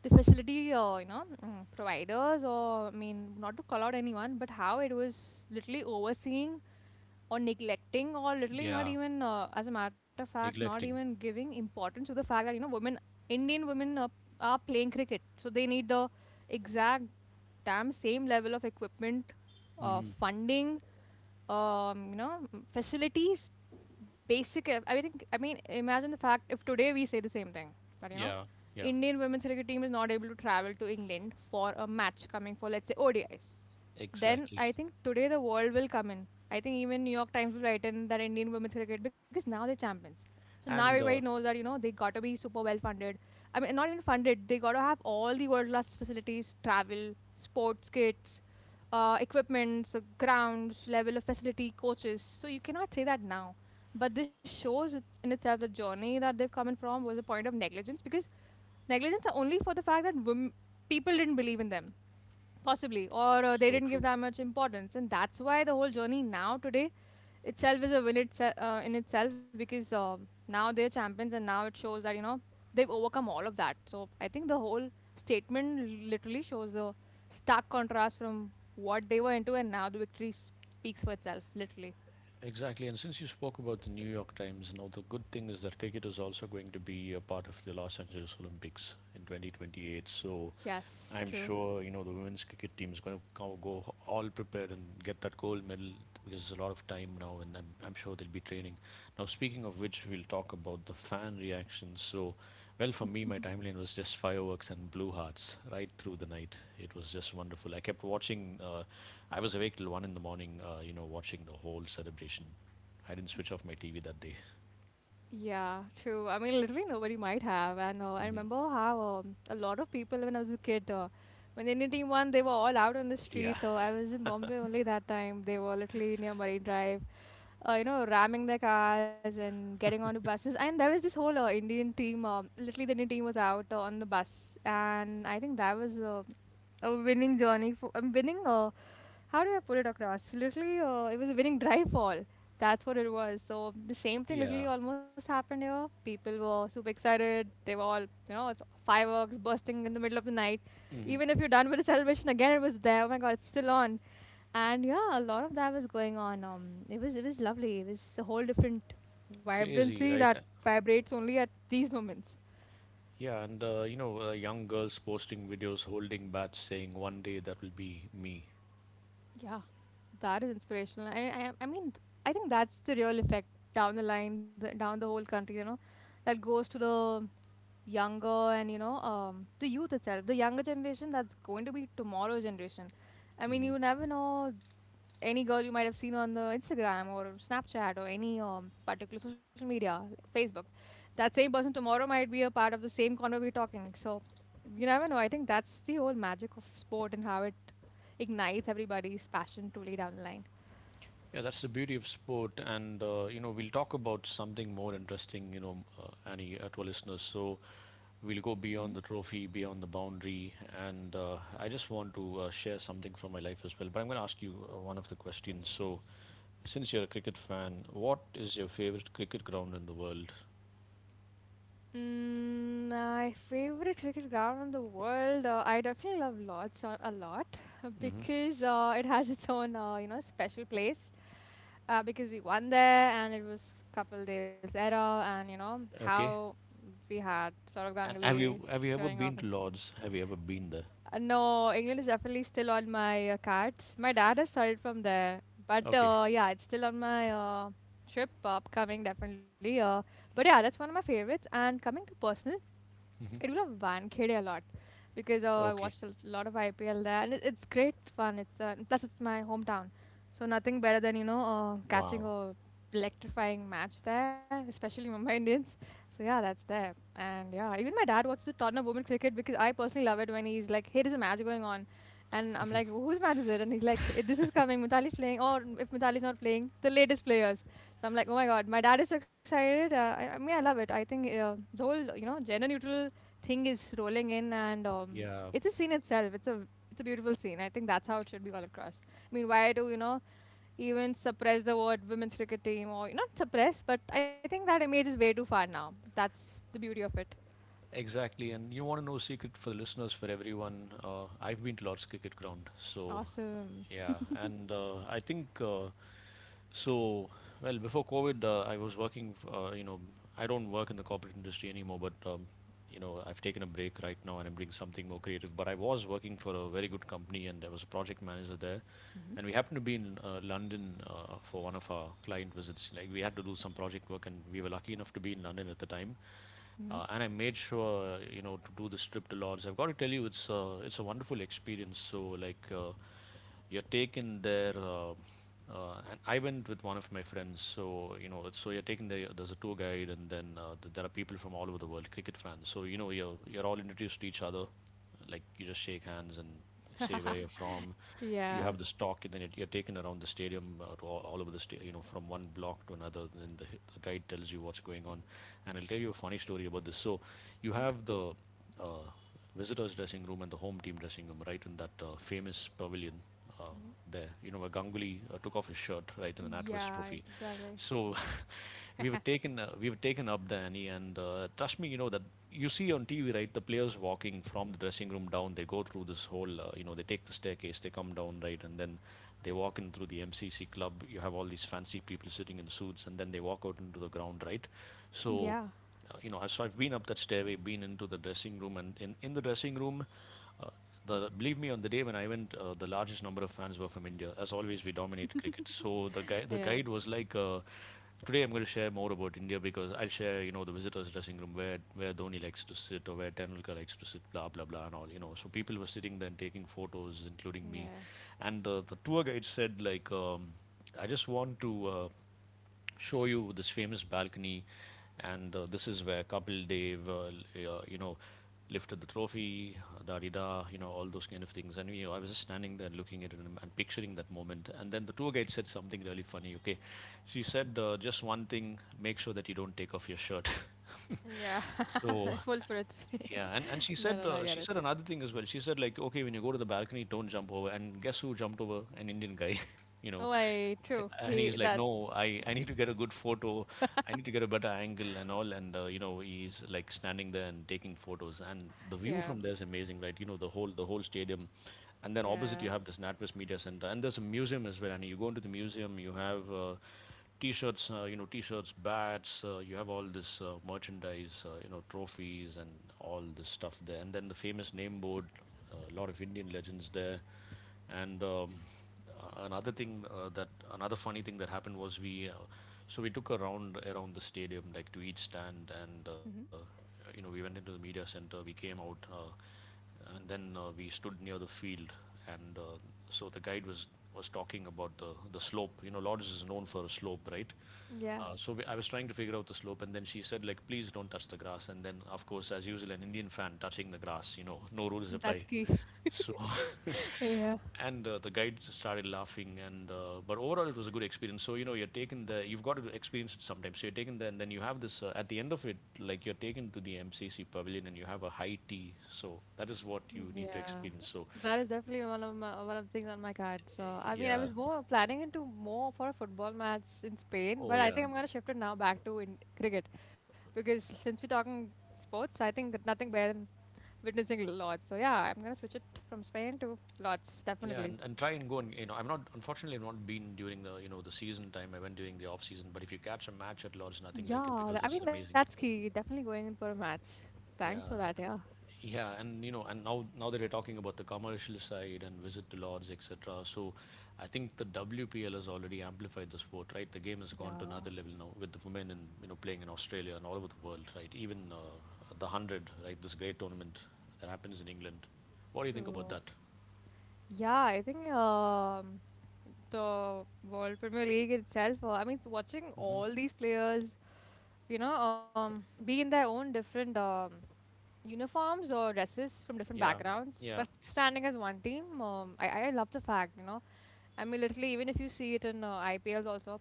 B: the facility, uh, you know, mm, providers, or, I mean, not to call out anyone, but how it was literally overseeing or neglecting or literally not
A: Yeah.
B: even uh, as a matter of fact not even
A: Neglecting.
B: giving importance to the fact that, you know, women, indian women uh, are playing cricket, so they need the exact damn same level of equipment, uh,
A: Hmm.
B: funding, um, you know, facilities, basic. uh, I think, I mean, imagine the fact if today we say the same thing, but you know,
A: Yeah. Yeah.
B: Indian women's cricket team is not able to travel to England for a match coming for let's say O D Is. Then
A: Exactly.
B: I think today the world will come in. I think even New York Times will write in that Indian women's cricket, because now they're champions. So now everybody
A: And uh,
B: knows that, you know, they got to be super well funded. I mean, not even funded. They got to have all the world class facilities, travel, sports kits, uh, equipments, uh, grounds, level of facility, coaches. So you cannot say that now. But this shows it- in itself the journey that they've come in from was a point of negligence, because negligence are only for the fact that wom- people didn't believe in them, possibly, or uh, they
A: So
B: didn't give
A: true.
B: that much importance. And that's why the whole journey now today itself is a win itself uh, in itself, because uh, now they're champions, and now it shows that, you know, they've overcome all of that. So I think the whole statement literally shows a stark contrast from what they were into, and now the victory speaks for itself. Literally,
A: Exactly, and since you spoke about the New York Times, now the good thing is that cricket is also going to be a part of the Los Angeles Olympics in twenty twenty-eight. So
B: yes,
A: I'm
B: true.
A: sure you know the women's cricket team is going to go all prepared and get that gold medal because there's a lot of time now, and I'm, I'm sure they'll be training. Now, speaking of which, we'll talk about the fan reactions. So, well, for me, my timeline was just fireworks and blue hearts right through the night. It was just wonderful. I kept watching. Uh, I was awake till one in the morning. Uh, you know, watching the whole celebration. I didn't switch off my T V that day.
B: Yeah, true. I mean, literally nobody might have. And uh, I
A: Hmm.
B: remember how, um, a lot of people, when I was a kid, uh, when Indian team won, they were all out on the
A: Yeah.
B: street. So I was in Bombay only that time. They were literally near Marine Drive, uh, you know, ramming their cars and getting onto buses. And there was this whole uh, Indian team, um literally the Indian team was out uh, on the bus. And I think that was uh, a winning journey for, a winning uh, how do I put it across? Literally, uh, it was a winning drive fall. That's what it was. So the same thing
A: Yeah.
B: literally almost happened here. People were super excited. They were all, you know, it's fireworks bursting in the middle of the night.
A: Hmm.
B: Even if you're done with the celebration, again it was there. Oh my God, it's still on. And yeah, a lot of that was going on. Um, it was it was lovely. It was a whole different
A: Crazy,
B: vibrancy
A: right?
B: that vibrates only at these moments.
A: Yeah, and uh, you know, uh, young girls posting videos holding bats saying one day that will be me.
B: Yeah. That is inspirational. I, I, I mean, I think that's the real effect down the line, the, down the whole country, you know, that goes to the younger and, you know, um, the youth itself, the younger generation that's going to be tomorrow's generation. I mean,
A: Hmm.
B: you never know, any girl you might have seen on the Instagram or Snapchat or any um, particular social media, like Facebook. That same person tomorrow might be a part of the same corner we're talking. So you never know. I think that's the whole magic of sport and how it ignites everybody's passion truly down the line.
A: Yeah, that's the beauty of sport. And, uh, you know, we'll talk about something more interesting, you know, uh, Annie, uh, to our listeners. So we'll go beyond the trophy, beyond the boundary. And uh, I just want to uh, share something from my life as well. But I'm going to ask you uh, one of the questions. So, since you're a cricket fan, what is your favorite cricket ground in the world?
B: Mm, my favorite cricket ground in the world, uh, I definitely love Lords a, a lot
A: Hmm.
B: because uh, it has its own, uh, you know, special place. Uh, because we won there, and it was Kapil Dev's era, and you know how
A: Okay.
B: we had Saurav
A: And have
B: Ganguly
A: you have you ever
B: showing off
A: been to
B: his.
A: Lord's? Have you ever been there?
B: Uh, no, England is definitely still on my uh, cards. My dad has started from there, but
A: Okay.
B: uh, yeah, it's still on my uh, trip upcoming definitely. Uh, but yeah, that's one of my favorites. And coming to personal.
A: Hmm.
B: I do love Vankhede a lot because uh, I
A: Okay.
B: watched a lot of I P L there, and it, it's great fun. It's uh, and plus it's my hometown, so nothing better than, you know, uh, catching
A: Wow.
B: a electrifying match there, especially Mumbai Indians. So yeah, that's there, and yeah, even my dad watches the Tottenham women cricket, because I personally love it when he's like, "Hey, there's a match going on," and I'm like, "Whose match is it?" And he's like, "Eh, this is coming. Mitali's playing, or if Mitali's not playing, the latest players." So I'm like, oh my god, my dad is so excited. Uh, I, I mean, I love it. I think uh, the whole, you know, gender neutral thing is rolling in, and um,
A: Yeah,
B: it's a scene itself. It's a it's a beautiful scene. I think that's how it should be all across. I mean, why do you know even suppress the word women's cricket team, or not suppress, but I think that image is way too far now. That's the beauty of it.
A: exactly. And you want to know secret for the listeners, for everyone. Uh, I've been to Lord's cricket ground, so
B: Awesome.
A: yeah. And uh, I think uh, so, well, before COVID, uh, I was working, f- uh, you know, I don't work in the corporate industry anymore, but, um, you know, I've taken a break right now and I'm doing something more creative. But I was working for a very good company and there was a project manager there.
B: Hmm.
A: And we happened to be in uh, London uh, for one of our client visits. Like, we had to do some project work and we were lucky enough to be in London at the time. Uh, and I made sure, you know, to do this trip to Lords. I've got to tell you, it's, uh, it's a wonderful experience. So, like, uh, you're taken there. Uh, uh, and I went with one of my friends, so you know, so you're taken there. There's a tour guide, and then uh, th- there are people from all over the world, cricket fans. So you know, you're you're all introduced to each other, like you just shake hands and say where
B: Hmm.
A: you're from. You
B: Yeah.
A: have this talk, and then you're you're taken around the stadium uh, to all, all over the state, you know, from one block to another. Then the, the guide tells you what's going on, and I'll tell you a funny story about this. So you have the uh, visitors' dressing room and the home team dressing room, right in that uh, famous pavilion uh, there. You know where Ganguly uh, took off his shirt, right in the NatWest
B: Yeah.
A: Trophy.
B: Exactly.
A: So we were taken, uh, we were taken up there, Annie, and uh, trust me, you know that you see on T V, right? The players walking from the dressing room down, they go through this whole, uh, you know, they take the staircase, they come down, right, and then they walk in through the M C C club. You have all these fancy people sitting in suits, and then they walk out into the ground, right?
B: Yeah.
A: So uh, you know, I- so I've been up that stairway, been into the dressing room, and in, in the dressing room, uh, the believe me, on the day when I went, uh, the largest number of fans were from India. As always, we dominate cricket. So the guy, the
B: Yeah.
A: guide was like, uh, today I'm going to share more about India because I'll share, you know, the visitors' dressing room where where Dhoni likes to sit or where Tendulkar likes to sit, blah blah blah, and all. You know, so people were sitting there and taking photos, including me,
B: Yeah.
A: and the the tour guide said like, um, I just want to. Uh, show you this famous balcony and uh, this is where Kapil Dev, uh, uh, you know, lifted the trophy, da di da, you know, all those kind of things. And you know, I was just standing there looking at it and, and picturing that moment. And then the tour guide said something really funny. Okay, she said uh, just one thing: make sure that you don't take off your shirt.
B: Yeah.
A: So
B: Full Fritz.
A: yeah, and, and she
B: no,
A: said
B: no, no, I
A: uh,
B: get
A: she
B: it.
A: said another thing as well. She said like, okay, when you go to the balcony, don't jump over. And guess who jumped over? An Indian guy, you know.
B: Oh, I true.
A: And
B: He
A: he's like,
B: that.
A: no, I, I need to get a good photo. I need to get a better angle and all. And uh, you know, he's like standing there and taking photos. And the view
B: Yeah.
A: from there is amazing, right? You know, the whole the whole stadium. And then opposite
B: Yeah.
A: you have this NatWest Media Center, and there's a museum as well. And you go into the museum, you have. Uh, t-shirts, uh, you know, t-shirts, bats. Uh, you have all this uh, merchandise, uh, you know, trophies and all this stuff there. And then the famous name board, a uh, lot of Indian legends there. And um, uh, another thing uh, that another funny thing that happened was we, uh, so we took a round around the stadium, like to each stand, and uh,
B: Hmm.
A: you know, we went into the media center. We came out. Uh, and then uh, We stood near the field and uh, so the guide was was talking about the the slope, you know, Lourdes is known for a slope, right?
B: Yeah.
A: uh, so we, I was trying to figure out the slope, and then she said like, please don't touch the grass. And then of course, as usual, an Indian fan touching the grass, you know, no rules
B: That's
A: apply.
B: key.
A: So
B: Yeah.
A: and uh, the guide started laughing, and uh, but overall it was a good experience. So you know, you're taken there, you've got to experience it sometimes. So you're taken there, and then you have this, uh, at the end of it, like, you're taken to the MCC pavilion and you have a high tea. So that is what you need to
B: Yeah,
A: experience. So
B: that is definitely one of my, one of the things on my card. So I mean, I
A: yeah.
B: was more planning into more for a football match in Spain,
A: Oh
B: but I think
A: yeah.
B: I'm gonna shift it now back to in cricket, because since we're talking sports, I think that nothing better than witnessing lots. So yeah, I'm gonna switch it from Spain to lots
A: Yeah.
B: definitely.
A: and, and try and go, and you know, I've not, unfortunately I've not been during the, you know, the season time. I went during the off season, but if you catch a match at Lords, nothing like it,
B: Yeah, th-
A: because
B: I
A: it's
B: mean that's
A: amazing.
B: key. Definitely going in for a match. Thanks for
A: Yeah.
B: that. Yeah.
A: Yeah, and you know, and now now that you're talking about the commercial side and visit to Lords, et cetera. So, I think the W P L has already amplified the sport, right? The game has gone to
B: Yeah.
A: another level now with the women in, you know, playing in Australia and all over the world, right? Even uh, the hundred, right? This great tournament that happens in England. What do you think
B: True.
A: about that?
B: Yeah, I think um the World Premier League itself. Uh, I mean, watching
A: Hmm.
B: all these players, you know, um, be in their own different um, uniforms or dresses from different
A: Yeah,
B: backgrounds,
A: yeah,
B: but standing as one team, um, I, I love the fact, you know. I mean, literally, even if you see it in uh, I P Ls also,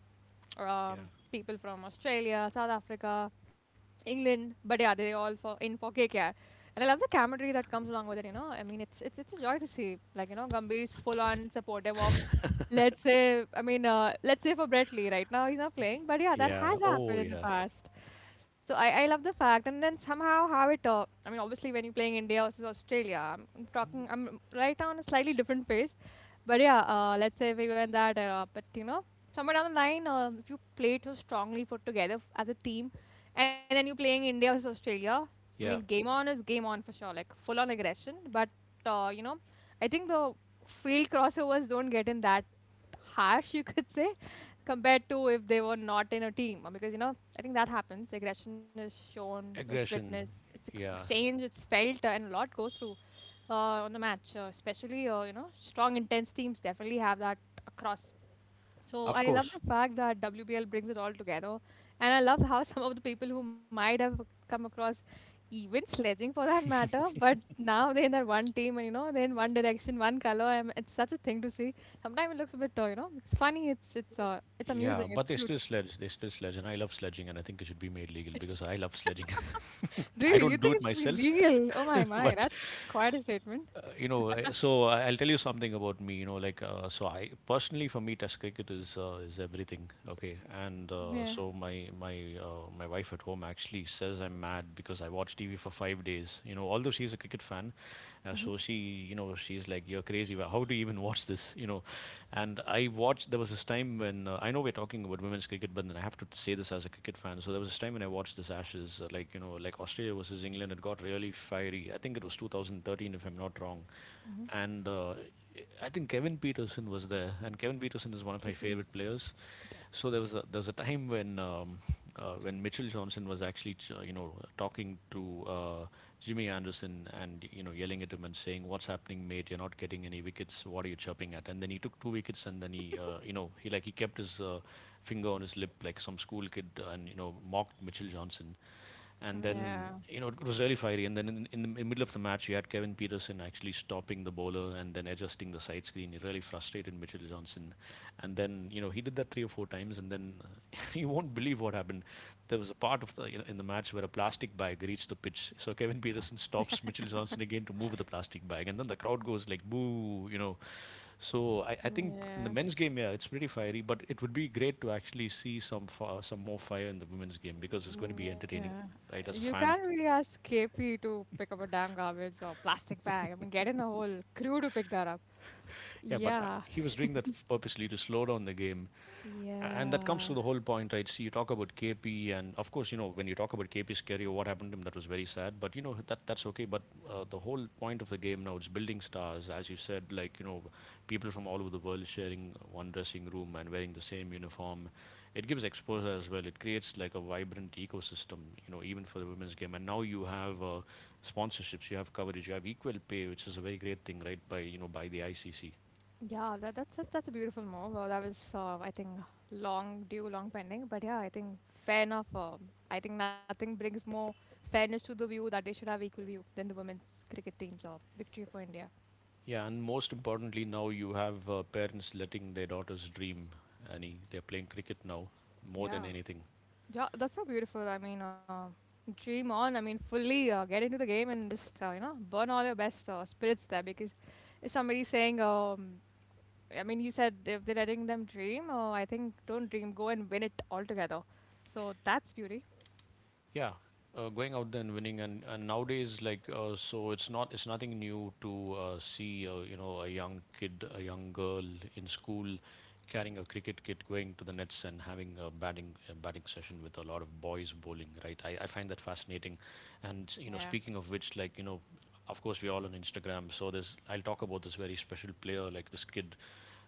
A: yeah,
B: um, people from Australia, South Africa, England. But yeah, they all for in for K K R. And I love the camaraderie that comes along with it, you know. I mean, it's it's it's a joy to see. Like, you know, Gambhir is full on supportive of, let's say, I mean, uh, let's say for Brett Lee right now he's not playing, but yeah, that
A: yeah.
B: has
A: Oh,
B: happened in the
A: yeah,
B: past. So I, I love the fact, and then somehow how it. Uh, I mean, obviously when you're playing India versus Australia, I'm, I'm talking. I'm right now in a slightly different phase, but yeah, uh, let's say we were in that era. But you know, somewhere down the line, uh, if you play too strongly for together f- as a team, and then you're playing India versus Australia, I mean,
A: yeah.
B: game on is game on for sure, like full on aggression. But uh, you know, I think the field crossovers don't get in that harsh, you could say, compared to if they were not in a team. Uh, because you know, I think that happens. Aggression is shown, it's witnessed,
A: Aggression.
B: it's ex-
A: Yeah,
B: exchanged, it's felt, uh, and a lot goes through uh, on the match, uh, especially uh, you know strong, intense teams definitely have that across. So
A: of
B: I love the
A: course.
B: fact that W B L brings it all together, and I love how some of the people who might have come across even sledging for that matter, but now they're in that one team and you know they're in one direction, one color. And it's such a thing to see. Sometimes it looks a bit, uh, you know, it's funny, it's it's uh, it's amusing,
A: Yeah, but
B: it's
A: they
B: cute.
A: still sledge. They still sledge, and I love sledging, and I think it should be made legal because I love sledging. I
B: Really, you
A: don't do
B: think
A: it
B: it should be
A: myself,
B: legal? Oh my my,
A: but
B: that's quite a
A: uh,
B: statement.
A: you know. I- So I- I'll tell you something about me. You know, like uh, so. I personally, for me, Test cricket is uh, is everything. Okay, and uh, so
B: Yeah.
A: my my uh, my wife at home actually says I'm mad because I watch T V for five days. You know, although she's a cricket fan, uh,
B: Mm-hmm.
A: so she, you know, she's like, "You're crazy. How do you even watch this?" You know, and I I watched. There was this time when uh, I know we're talking about women's cricket, but then I have to say this as a cricket fan. So there was this time when I watched this Ashes, uh, like, you know, like Australia versus England. It got really fiery. I think it was two thousand thirteen, if I'm not wrong,
B: Mm-hmm.
A: and uh, I think Kevin Peterson was there, and Kevin Peterson is one of my favorite
B: K P.
A: players. So there was
B: Yes.
A: a there was a time when um, uh, when Mitchell Johnson was actually ch- you know talking to uh, Jimmy Anderson and you know yelling at him and saying, "What's happening, mate? You're not getting any wickets. What are you chirping at?" And then he took two wickets, and then he, uh, you know, he like he kept his uh, finger on his lip like some school kid, and you know mocked Mitchell Johnson. And then,
B: Yeah.
A: you know, it was really fiery. And then in, in the middle of the match, you had Kevin Peterson actually stopping the bowler and then adjusting the side screen. It really frustrated Mitchell Johnson. And then, you know, he did that three or four times. And then uh, you won't believe what happened. There was a part of the, you know, in the match where a plastic bag reached the pitch. So Kevin Peterson stops Mitchell Johnson again to move the plastic bag. And then the crowd goes like, boo, you know. So I, I think in the men's
B: Yeah,
A: game, yeah, it's pretty fiery, but it would be great to actually see some fa- some more fire in the women's game because it's going to be
B: mm,
A: entertaining,
B: yeah.
A: right? As a
B: You
A: fan,
B: can't really ask K P to pick up a damn garbage or plastic bag. I mean, get in a whole crew to pick that up.
A: yeah. But uh,
B: Yeah,
A: he was doing that purposely to slow down the game. And that comes
B: yeah,
A: to the whole point, right? See, you talk about K P, and of course, you know, when you talk about K P's career, what happened to him, that was very sad. But, you know, that that's okay. But uh, the whole point of the game now is building stars. As you said, like, you know, people from all over the world sharing one dressing room and wearing the same uniform. It gives exposure as well. It creates like a vibrant ecosystem, you know, even for the women's game. And now you have uh, sponsorships, you have coverage, you have equal pay, which is a very great thing, right, by, you know, by the I C C.
B: yeah. That, that's that's that's a beautiful move. Well, that was uh, I think long due, long pending. But yeah, I think fair enough. Uh, I think nothing brings more fairness to the view that they should have equal view than the women's cricket team's uh, victory for India.
A: Yeah, and most importantly, now you have uh, parents letting their daughters dream, Annie. They're playing cricket now more than
B: Yeah.
A: anything.
B: Yeah, that's so beautiful. I mean, uh, dream on. I mean, fully uh, get into the game and just uh, you know burn all your best uh, spirits there, because if somebody's saying, um, I mean, you said if they're letting them dream, uh, I think don't dream, go and win it altogether. So that's beauty.
A: Yeah, uh, going out there and winning, and, and nowadays, like, uh, so it's not, it's nothing new to uh, see, uh, you know, a young kid, a young girl in school, carrying a cricket kit, going to the nets and having a batting a batting session with a lot of boys bowling, right? I, I find that fascinating, and you know,
B: Yeah,
A: speaking of which, like, you know, of course we're all on Instagram, so there's I'll talk about this very special player, like this kid.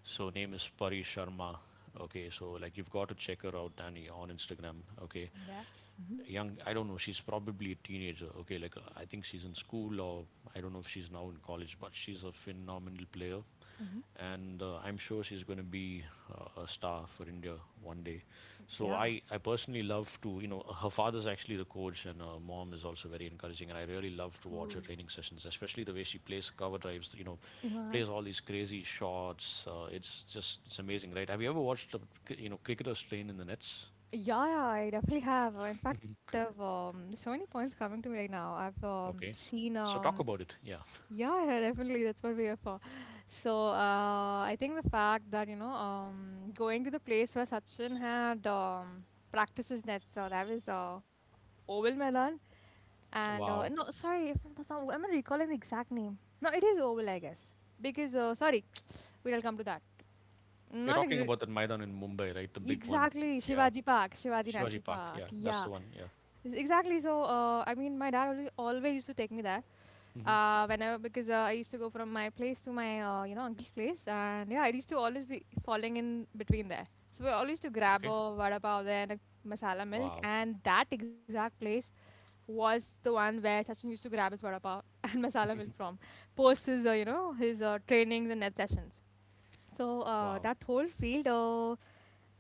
A: So name is Pari Sharma. Okay, so like you've got to check her out, Danny, on Instagram. Okay,
B: yeah, hmm,
A: young, I don't know, she's probably a teenager. Okay, like, uh, I think she's in school, or I don't know if she's now in college, but she's a phenomenal player,
B: hmm,
A: and uh, I'm sure she's going to be uh, a star for India one day. So
B: yeah.
A: i i personally love to, you know, her father's actually the coach and her mom is also very encouraging, and I really love to watch
B: Cool.
A: her training sessions, especially the way she plays cover drives, you know,
B: Yeah.
A: plays all these crazy shots. uh, it's just it's amazing, right? Have you ever watched a, you know, cricketers train in the nets?
B: Yeah, yeah, I definitely have. Uh, In fact, I've um, so many points coming to me right now. I've um,
A: Okay,
B: seen
A: so talk
B: um,
A: about it. Yeah.
B: yeah, definitely. That's what we are for. So, uh, I think the fact that, you know, um, going to the place where Sachin had um, practiced his nets, uh, that was uh, Oval Medan. And, uh, no,
A: Wow.
B: sorry, if that's not, I'm not recalling the exact name. No, it is Oval, I guess. Because, uh, sorry, we'll come to that.
A: You're
B: Not
A: talking
B: exa-
A: about that Maidan in Mumbai, right? The big one.
B: exactly
A: Yeah.
B: Shivaji Park, Shivaji
A: Shivaji
B: National
A: Park.
B: Park.
A: Yeah, that's
B: Yeah,
A: the one. Yeah.
B: yes, exactly. So, uh, I mean, my dad always, always used to take me there
A: Hmm.
B: uh whenever because uh, I used to go from my place to my uh, you know uncle's place. And yeah, I used to always be falling in between there, so we always used to grab
A: Okay.
B: a vada pav there and a masala milk.
A: Wow.
B: And that exact place was the one where Sachin used to grab his vada pav and masala milk from, post his uh, you know his uh, trainings and net sessions. so uh,
A: Wow.
B: that whole field, uh,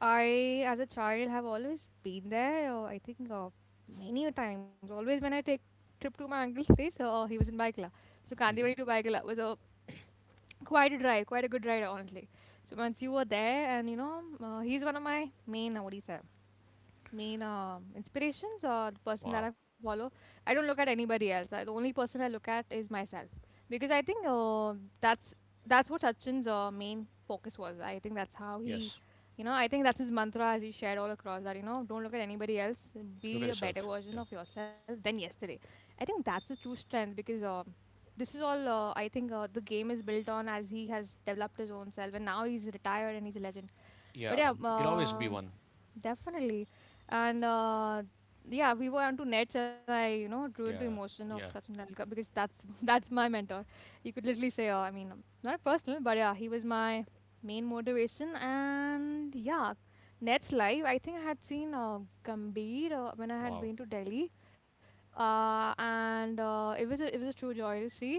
B: I, as a child, have always been there. Uh, I think uh, many a times. Always when I take trip to my uncle's place, uh, he was in Baikla. So
A: Hmm.
B: Kandivali to Baikla was a quite a drive, quite a good ride, honestly. So once you were there, and you know, uh, he's one of my main, uh, what do you say? Main um, inspirations, or the person that
A: Wow.
B: I follow. I don't look at anybody else. I, the only person I look at is myself, because I think uh, that's that's what Sachin's uh, main focus was. I think that's how he,
A: Yes.
B: you know, I think that's his mantra as he shared all across, that you know, don't look at anybody else,
A: Look
B: be
A: at
B: a better
A: yourself.
B: version
A: Yeah.
B: of yourself than yesterday. I think that's the true strength. Because Um, this is all uh, I think uh, the game is built on, as he has developed his own self, and now he's retired and he's a legend. but
A: Yeah.
B: yeah,
A: You'll always be
B: um
A: one.
B: definitely. And uh, yeah, we were onto nets, and I, you know, drew into
A: Yeah.
B: emotion of Sachin
A: Yeah.
B: Tendulkar, because that's that's my mentor. You could literally say, uh, I mean, um, not personal, but yeah, he was my main motivation. And yeah, nets live. I think I had seen uh, Gambhir uh, when I had
A: Wow.
B: been to Delhi, uh, and uh, it was a, it was a true joy to see.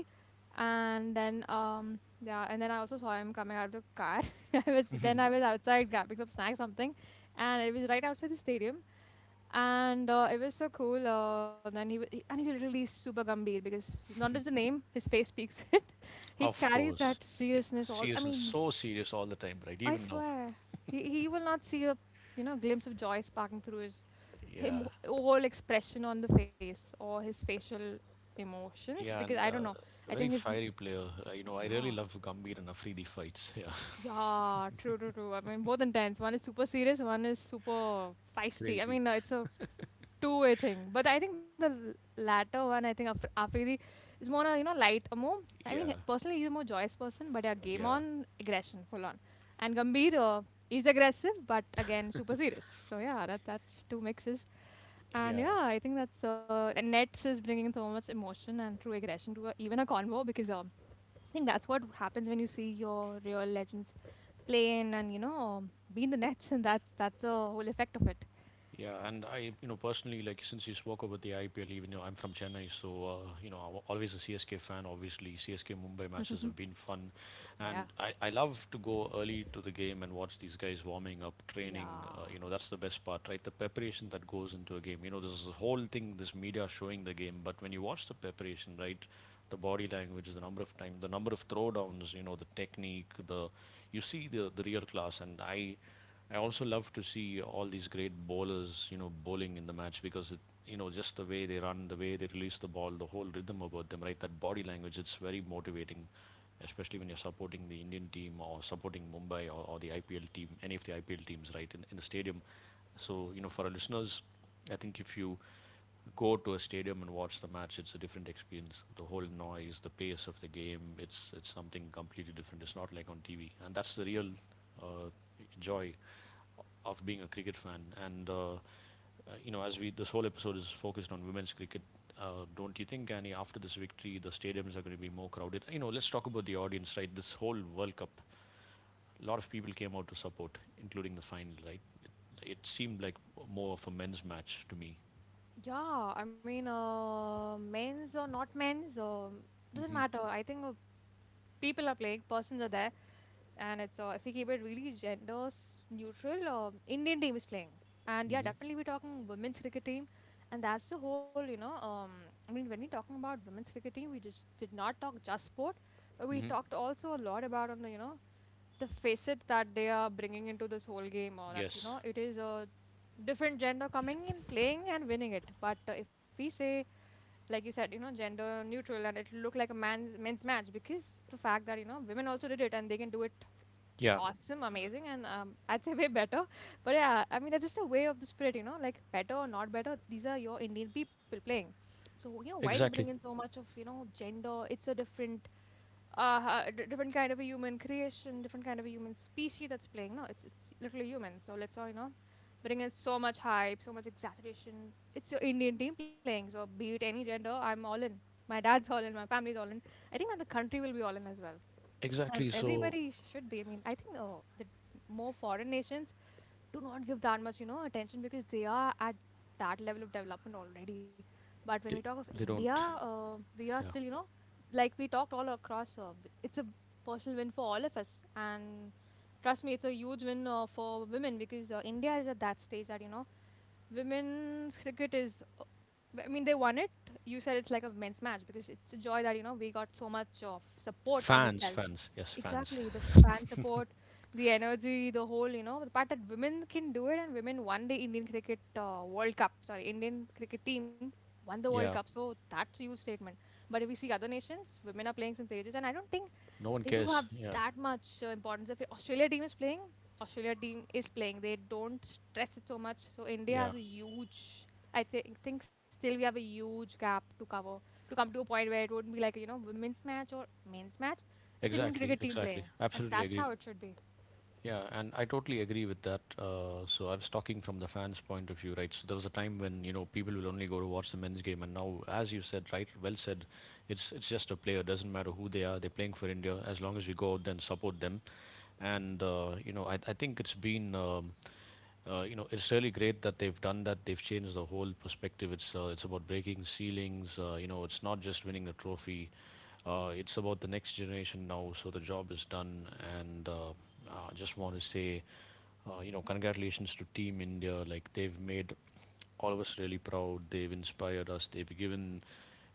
B: And then um yeah, and then I also saw him coming out of the car. I was then, I was outside grabbing some snacks, something, and it was right outside the stadium. And uh, it was so cool. Uh, then he, wa- he, and he literally is super Gambir, because not just the name, his face speaks it. He
A: Of
B: carries that
A: course. Yeah.
B: seriousness all, I
A: Serious and
B: mean,
A: so serious all the time, right?
B: I
A: Even now.
B: swear, he, he will not see a you know glimpse of joy sparking through his him
A: Yeah.
B: whole expression on the face, or his facial emotions, because
A: Yeah.
B: I
A: And
B: don't know.
A: uh,
B: I
A: a
B: think
A: very
B: his
A: fiery player. Uh, you know, I really
B: yeah.
A: love Gambhir and Afridi fights. Yeah.
B: Yeah, true, true, true. I mean, both intense. One is super serious, one is super feisty. I
A: Crazy.
B: mean, uh, it's a two-way thing. But I think the l- latter one, I think Af- Afridi is more, uh, you know, light, a more. I mean,
A: Yeah.
B: personally, he's a more joyous person. But yeah, game
A: Yeah.
B: on aggression, full on. And Gambhir uh, is aggressive, but again, super serious. So yeah, that that's two mixes. And
A: Yeah.
B: yeah, I think that's uh, and Nets is bringing so much emotion and true aggression to a, even a convo, because um I think that's what happens when you see your real legends playing, and you know, be in the nets, and that's that's the whole effect of it.
A: Yeah, and I, you know, personally, like since you spoke about the I P L, even though I'm from Chennai, so uh, you know, I'm always a C S K fan. Obviously, C S K Mumbai matches have been fun,
B: Yeah,
A: and I, I love to go early to the game and watch these guys warming up, training. Uh,
B: yeah.
A: you know, that's the best part, right? The preparation that goes into a game. You know, there's a whole thing, this media showing the game, but when you watch the preparation, right, the body language, the number of time, the number of throwdowns, you know, the technique, the you see the the real class, and I I also love to see all these great bowlers, you know, bowling in the match because it, you know, just the way they run, the way they release the ball, the whole rhythm about them, right? That body language, it's very motivating, especially when you're supporting the Indian team or supporting Mumbai or, or the I P L team, any of the I P L teams, right, in, in the stadium. So, you know, for our listeners, I think if you go to a stadium and watch the match, it's a different experience. The whole noise, the pace of the game, it's it's something completely different. It's not like on T V, and that's the real uh, joy of being a cricket fan. And uh, you know, as we, this whole episode is focused on women's cricket, uh, don't you think, Annie, after this victory, the stadiums are going to be more crowded? You know, let's talk about the audience, right? This whole World Cup, a lot of people came out to support, including the final, right? It seemed like more of a men's match to me.
B: Yeah, I mean, uh, men's or not men's, um doesn't
A: Mm-hmm.
B: matter. I think uh, people are playing, persons are there. And it's uh, if we keep it really gender neutral, uh, Indian team is playing. And yeah,
A: Mm-hmm.
B: definitely, we're talking women's cricket team, and that's the whole you know. Um, I mean, when we're talking about women's cricket team, we just did not talk just sport, but we
A: Mm-hmm.
B: talked also a lot about, on the you know, the facet that they are bringing into this whole game. Or that you
A: Yes.
B: know, it is a different gender coming in, playing and winning it. But uh, if we say, like you said, you know, gender neutral, and it'll look like a man's men's match, because the fact that you know women also did it and they can do it,
A: Yeah,
B: awesome, amazing. And um, I'd say way better. But yeah, I mean, that's just a way of the spirit, you know, like better or not better. These are your Indian people playing. So, you know, why do you bring in
A: exactly.
B: so much of, you know, gender? It's a different, uh, uh, d- different kind of a human creation, different kind of a human species that's playing. No, it's, it's literally human. So let's all, you know, bring in so much hype, so much exaggeration. It's your Indian team playing. So be it any gender, I'm all in. My dad's all in, my family's all in. I think that the country will be all in as well. And
A: Exactly. So
B: everybody should be. I mean, I think uh, the more foreign nations do not give that much, you know, attention, because they are at that level of development already. But when we talk
A: they,
B: of
A: they
B: India,
A: don't.
B: uh, we are
A: Yeah.
B: still, you know, like we talked all across. Uh, b- it's a personal win for all of us, and trust me, it's a huge win uh, for women, because uh, India is at that stage that you know, women's cricket is. uh, I mean, they won it. You said it's like a men's match, because it's a joy that you know we got so much of support in
A: Fans,
B: itself.
A: fans. Yes, fans.
B: Exactly, the fan support, the energy, the whole, you know, the part that women can do it, and women won the Indian cricket uh, World Cup, sorry, Indian cricket team won the World Cup.
A: Yeah.
B: So that's a huge statement. But if we see other nations, women are playing since ages, and I don't think
A: No one
B: they do
A: cares.
B: have
A: Yeah.
B: that much uh, importance. If Australia team is playing, Australia team is playing, they don't stress it so much. So India
A: Yeah.
B: has a huge. I think think still we have a huge gap to cover, to come to a point where it wouldn't be like a, you know, women's match or men's match. It's an Indian
A: Exactly,
B: cricket team playing,
A: exactly.
B: and
A: Absolutely
B: that's
A: agree.
B: how it should be.
A: Yeah, and I totally agree with that. Uh, so I was talking from the fans' point of view, right? So there was a time when you know people will only go to watch the men's game, and now, as you said, right, well said, it's it's just a player. Doesn't matter who they are, they're playing for India. As long as we go out there and support them, and uh, you know, I I think it's been um, uh, you know, it's really great that they've done that. They've changed the whole perspective. It's uh, it's about breaking ceilings. Uh, you know, it's not just winning a trophy. Uh, it's about the next generation now. So the job is done, and uh, I just want to say, uh, you know, congratulations to Team India. Like they've made all of us really proud. They've inspired us. They've given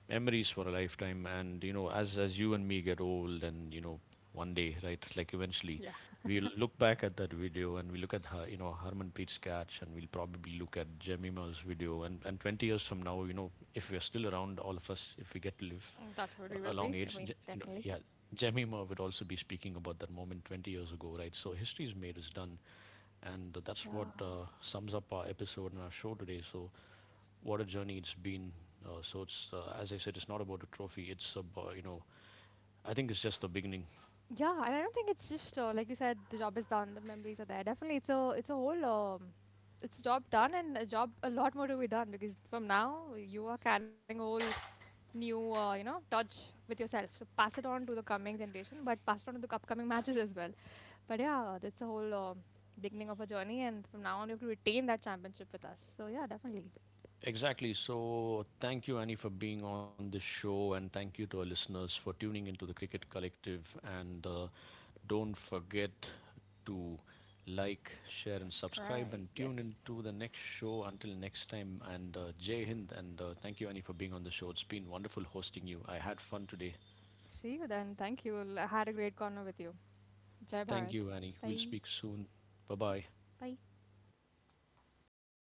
A: memories for a lifetime, and you know, as as you and me get old and you know one day, right, like eventually
B: Yeah.
A: we'll look back at that video and we look at her, you know, Herman Pete's catch, and we'll probably look at Jemima's video, and and twenty years from now, you know, if we're still around, all of us, if we get to live
B: Mm, that's what we
A: a
B: will
A: a long
B: be. I
A: age
B: mean,
A: Je- you know,
B: definitely.
A: yeah, Jemima would also be speaking about that moment twenty years ago, right? So history is made, is done, and that's
B: Yeah.
A: what uh, sums up our episode and our show today. So what a journey it's been. Uh, so it's uh, as I said, it's not about a trophy. It's about you know. I think it's just the beginning.
B: Yeah, and I don't think it's just uh, like you said, the job is done, the memories are there. Definitely, it's a it's a whole um, it's a job done and a job a lot more to be done, because from now you are carrying a whole new uh, you know touch with yourself. So pass it on to the coming generation, but pass it on to the upcoming matches as well. But yeah, that's a whole um, beginning of a journey, and from now on you have to retain that championship with us. So yeah, definitely.
A: Exactly. So thank you, Annie, for being on this show, and thank you to our listeners for tuning into the Cricket Collective. And uh, don't forget to like, share, and subscribe,
B: Subscribe.
A: and
B: Yes.
A: tune into the next show. Until next time, and uh, Jai Hind, and uh, thank you, Annie, for being on the show. It's been wonderful hosting you. I had fun today.
B: See you then. Thank you. I had a great corner with you. Jai
A: Thank
B: Bharat.
A: you, Annie. We'll
B: Bye.
A: speak soon. Bye bye.
B: Bye.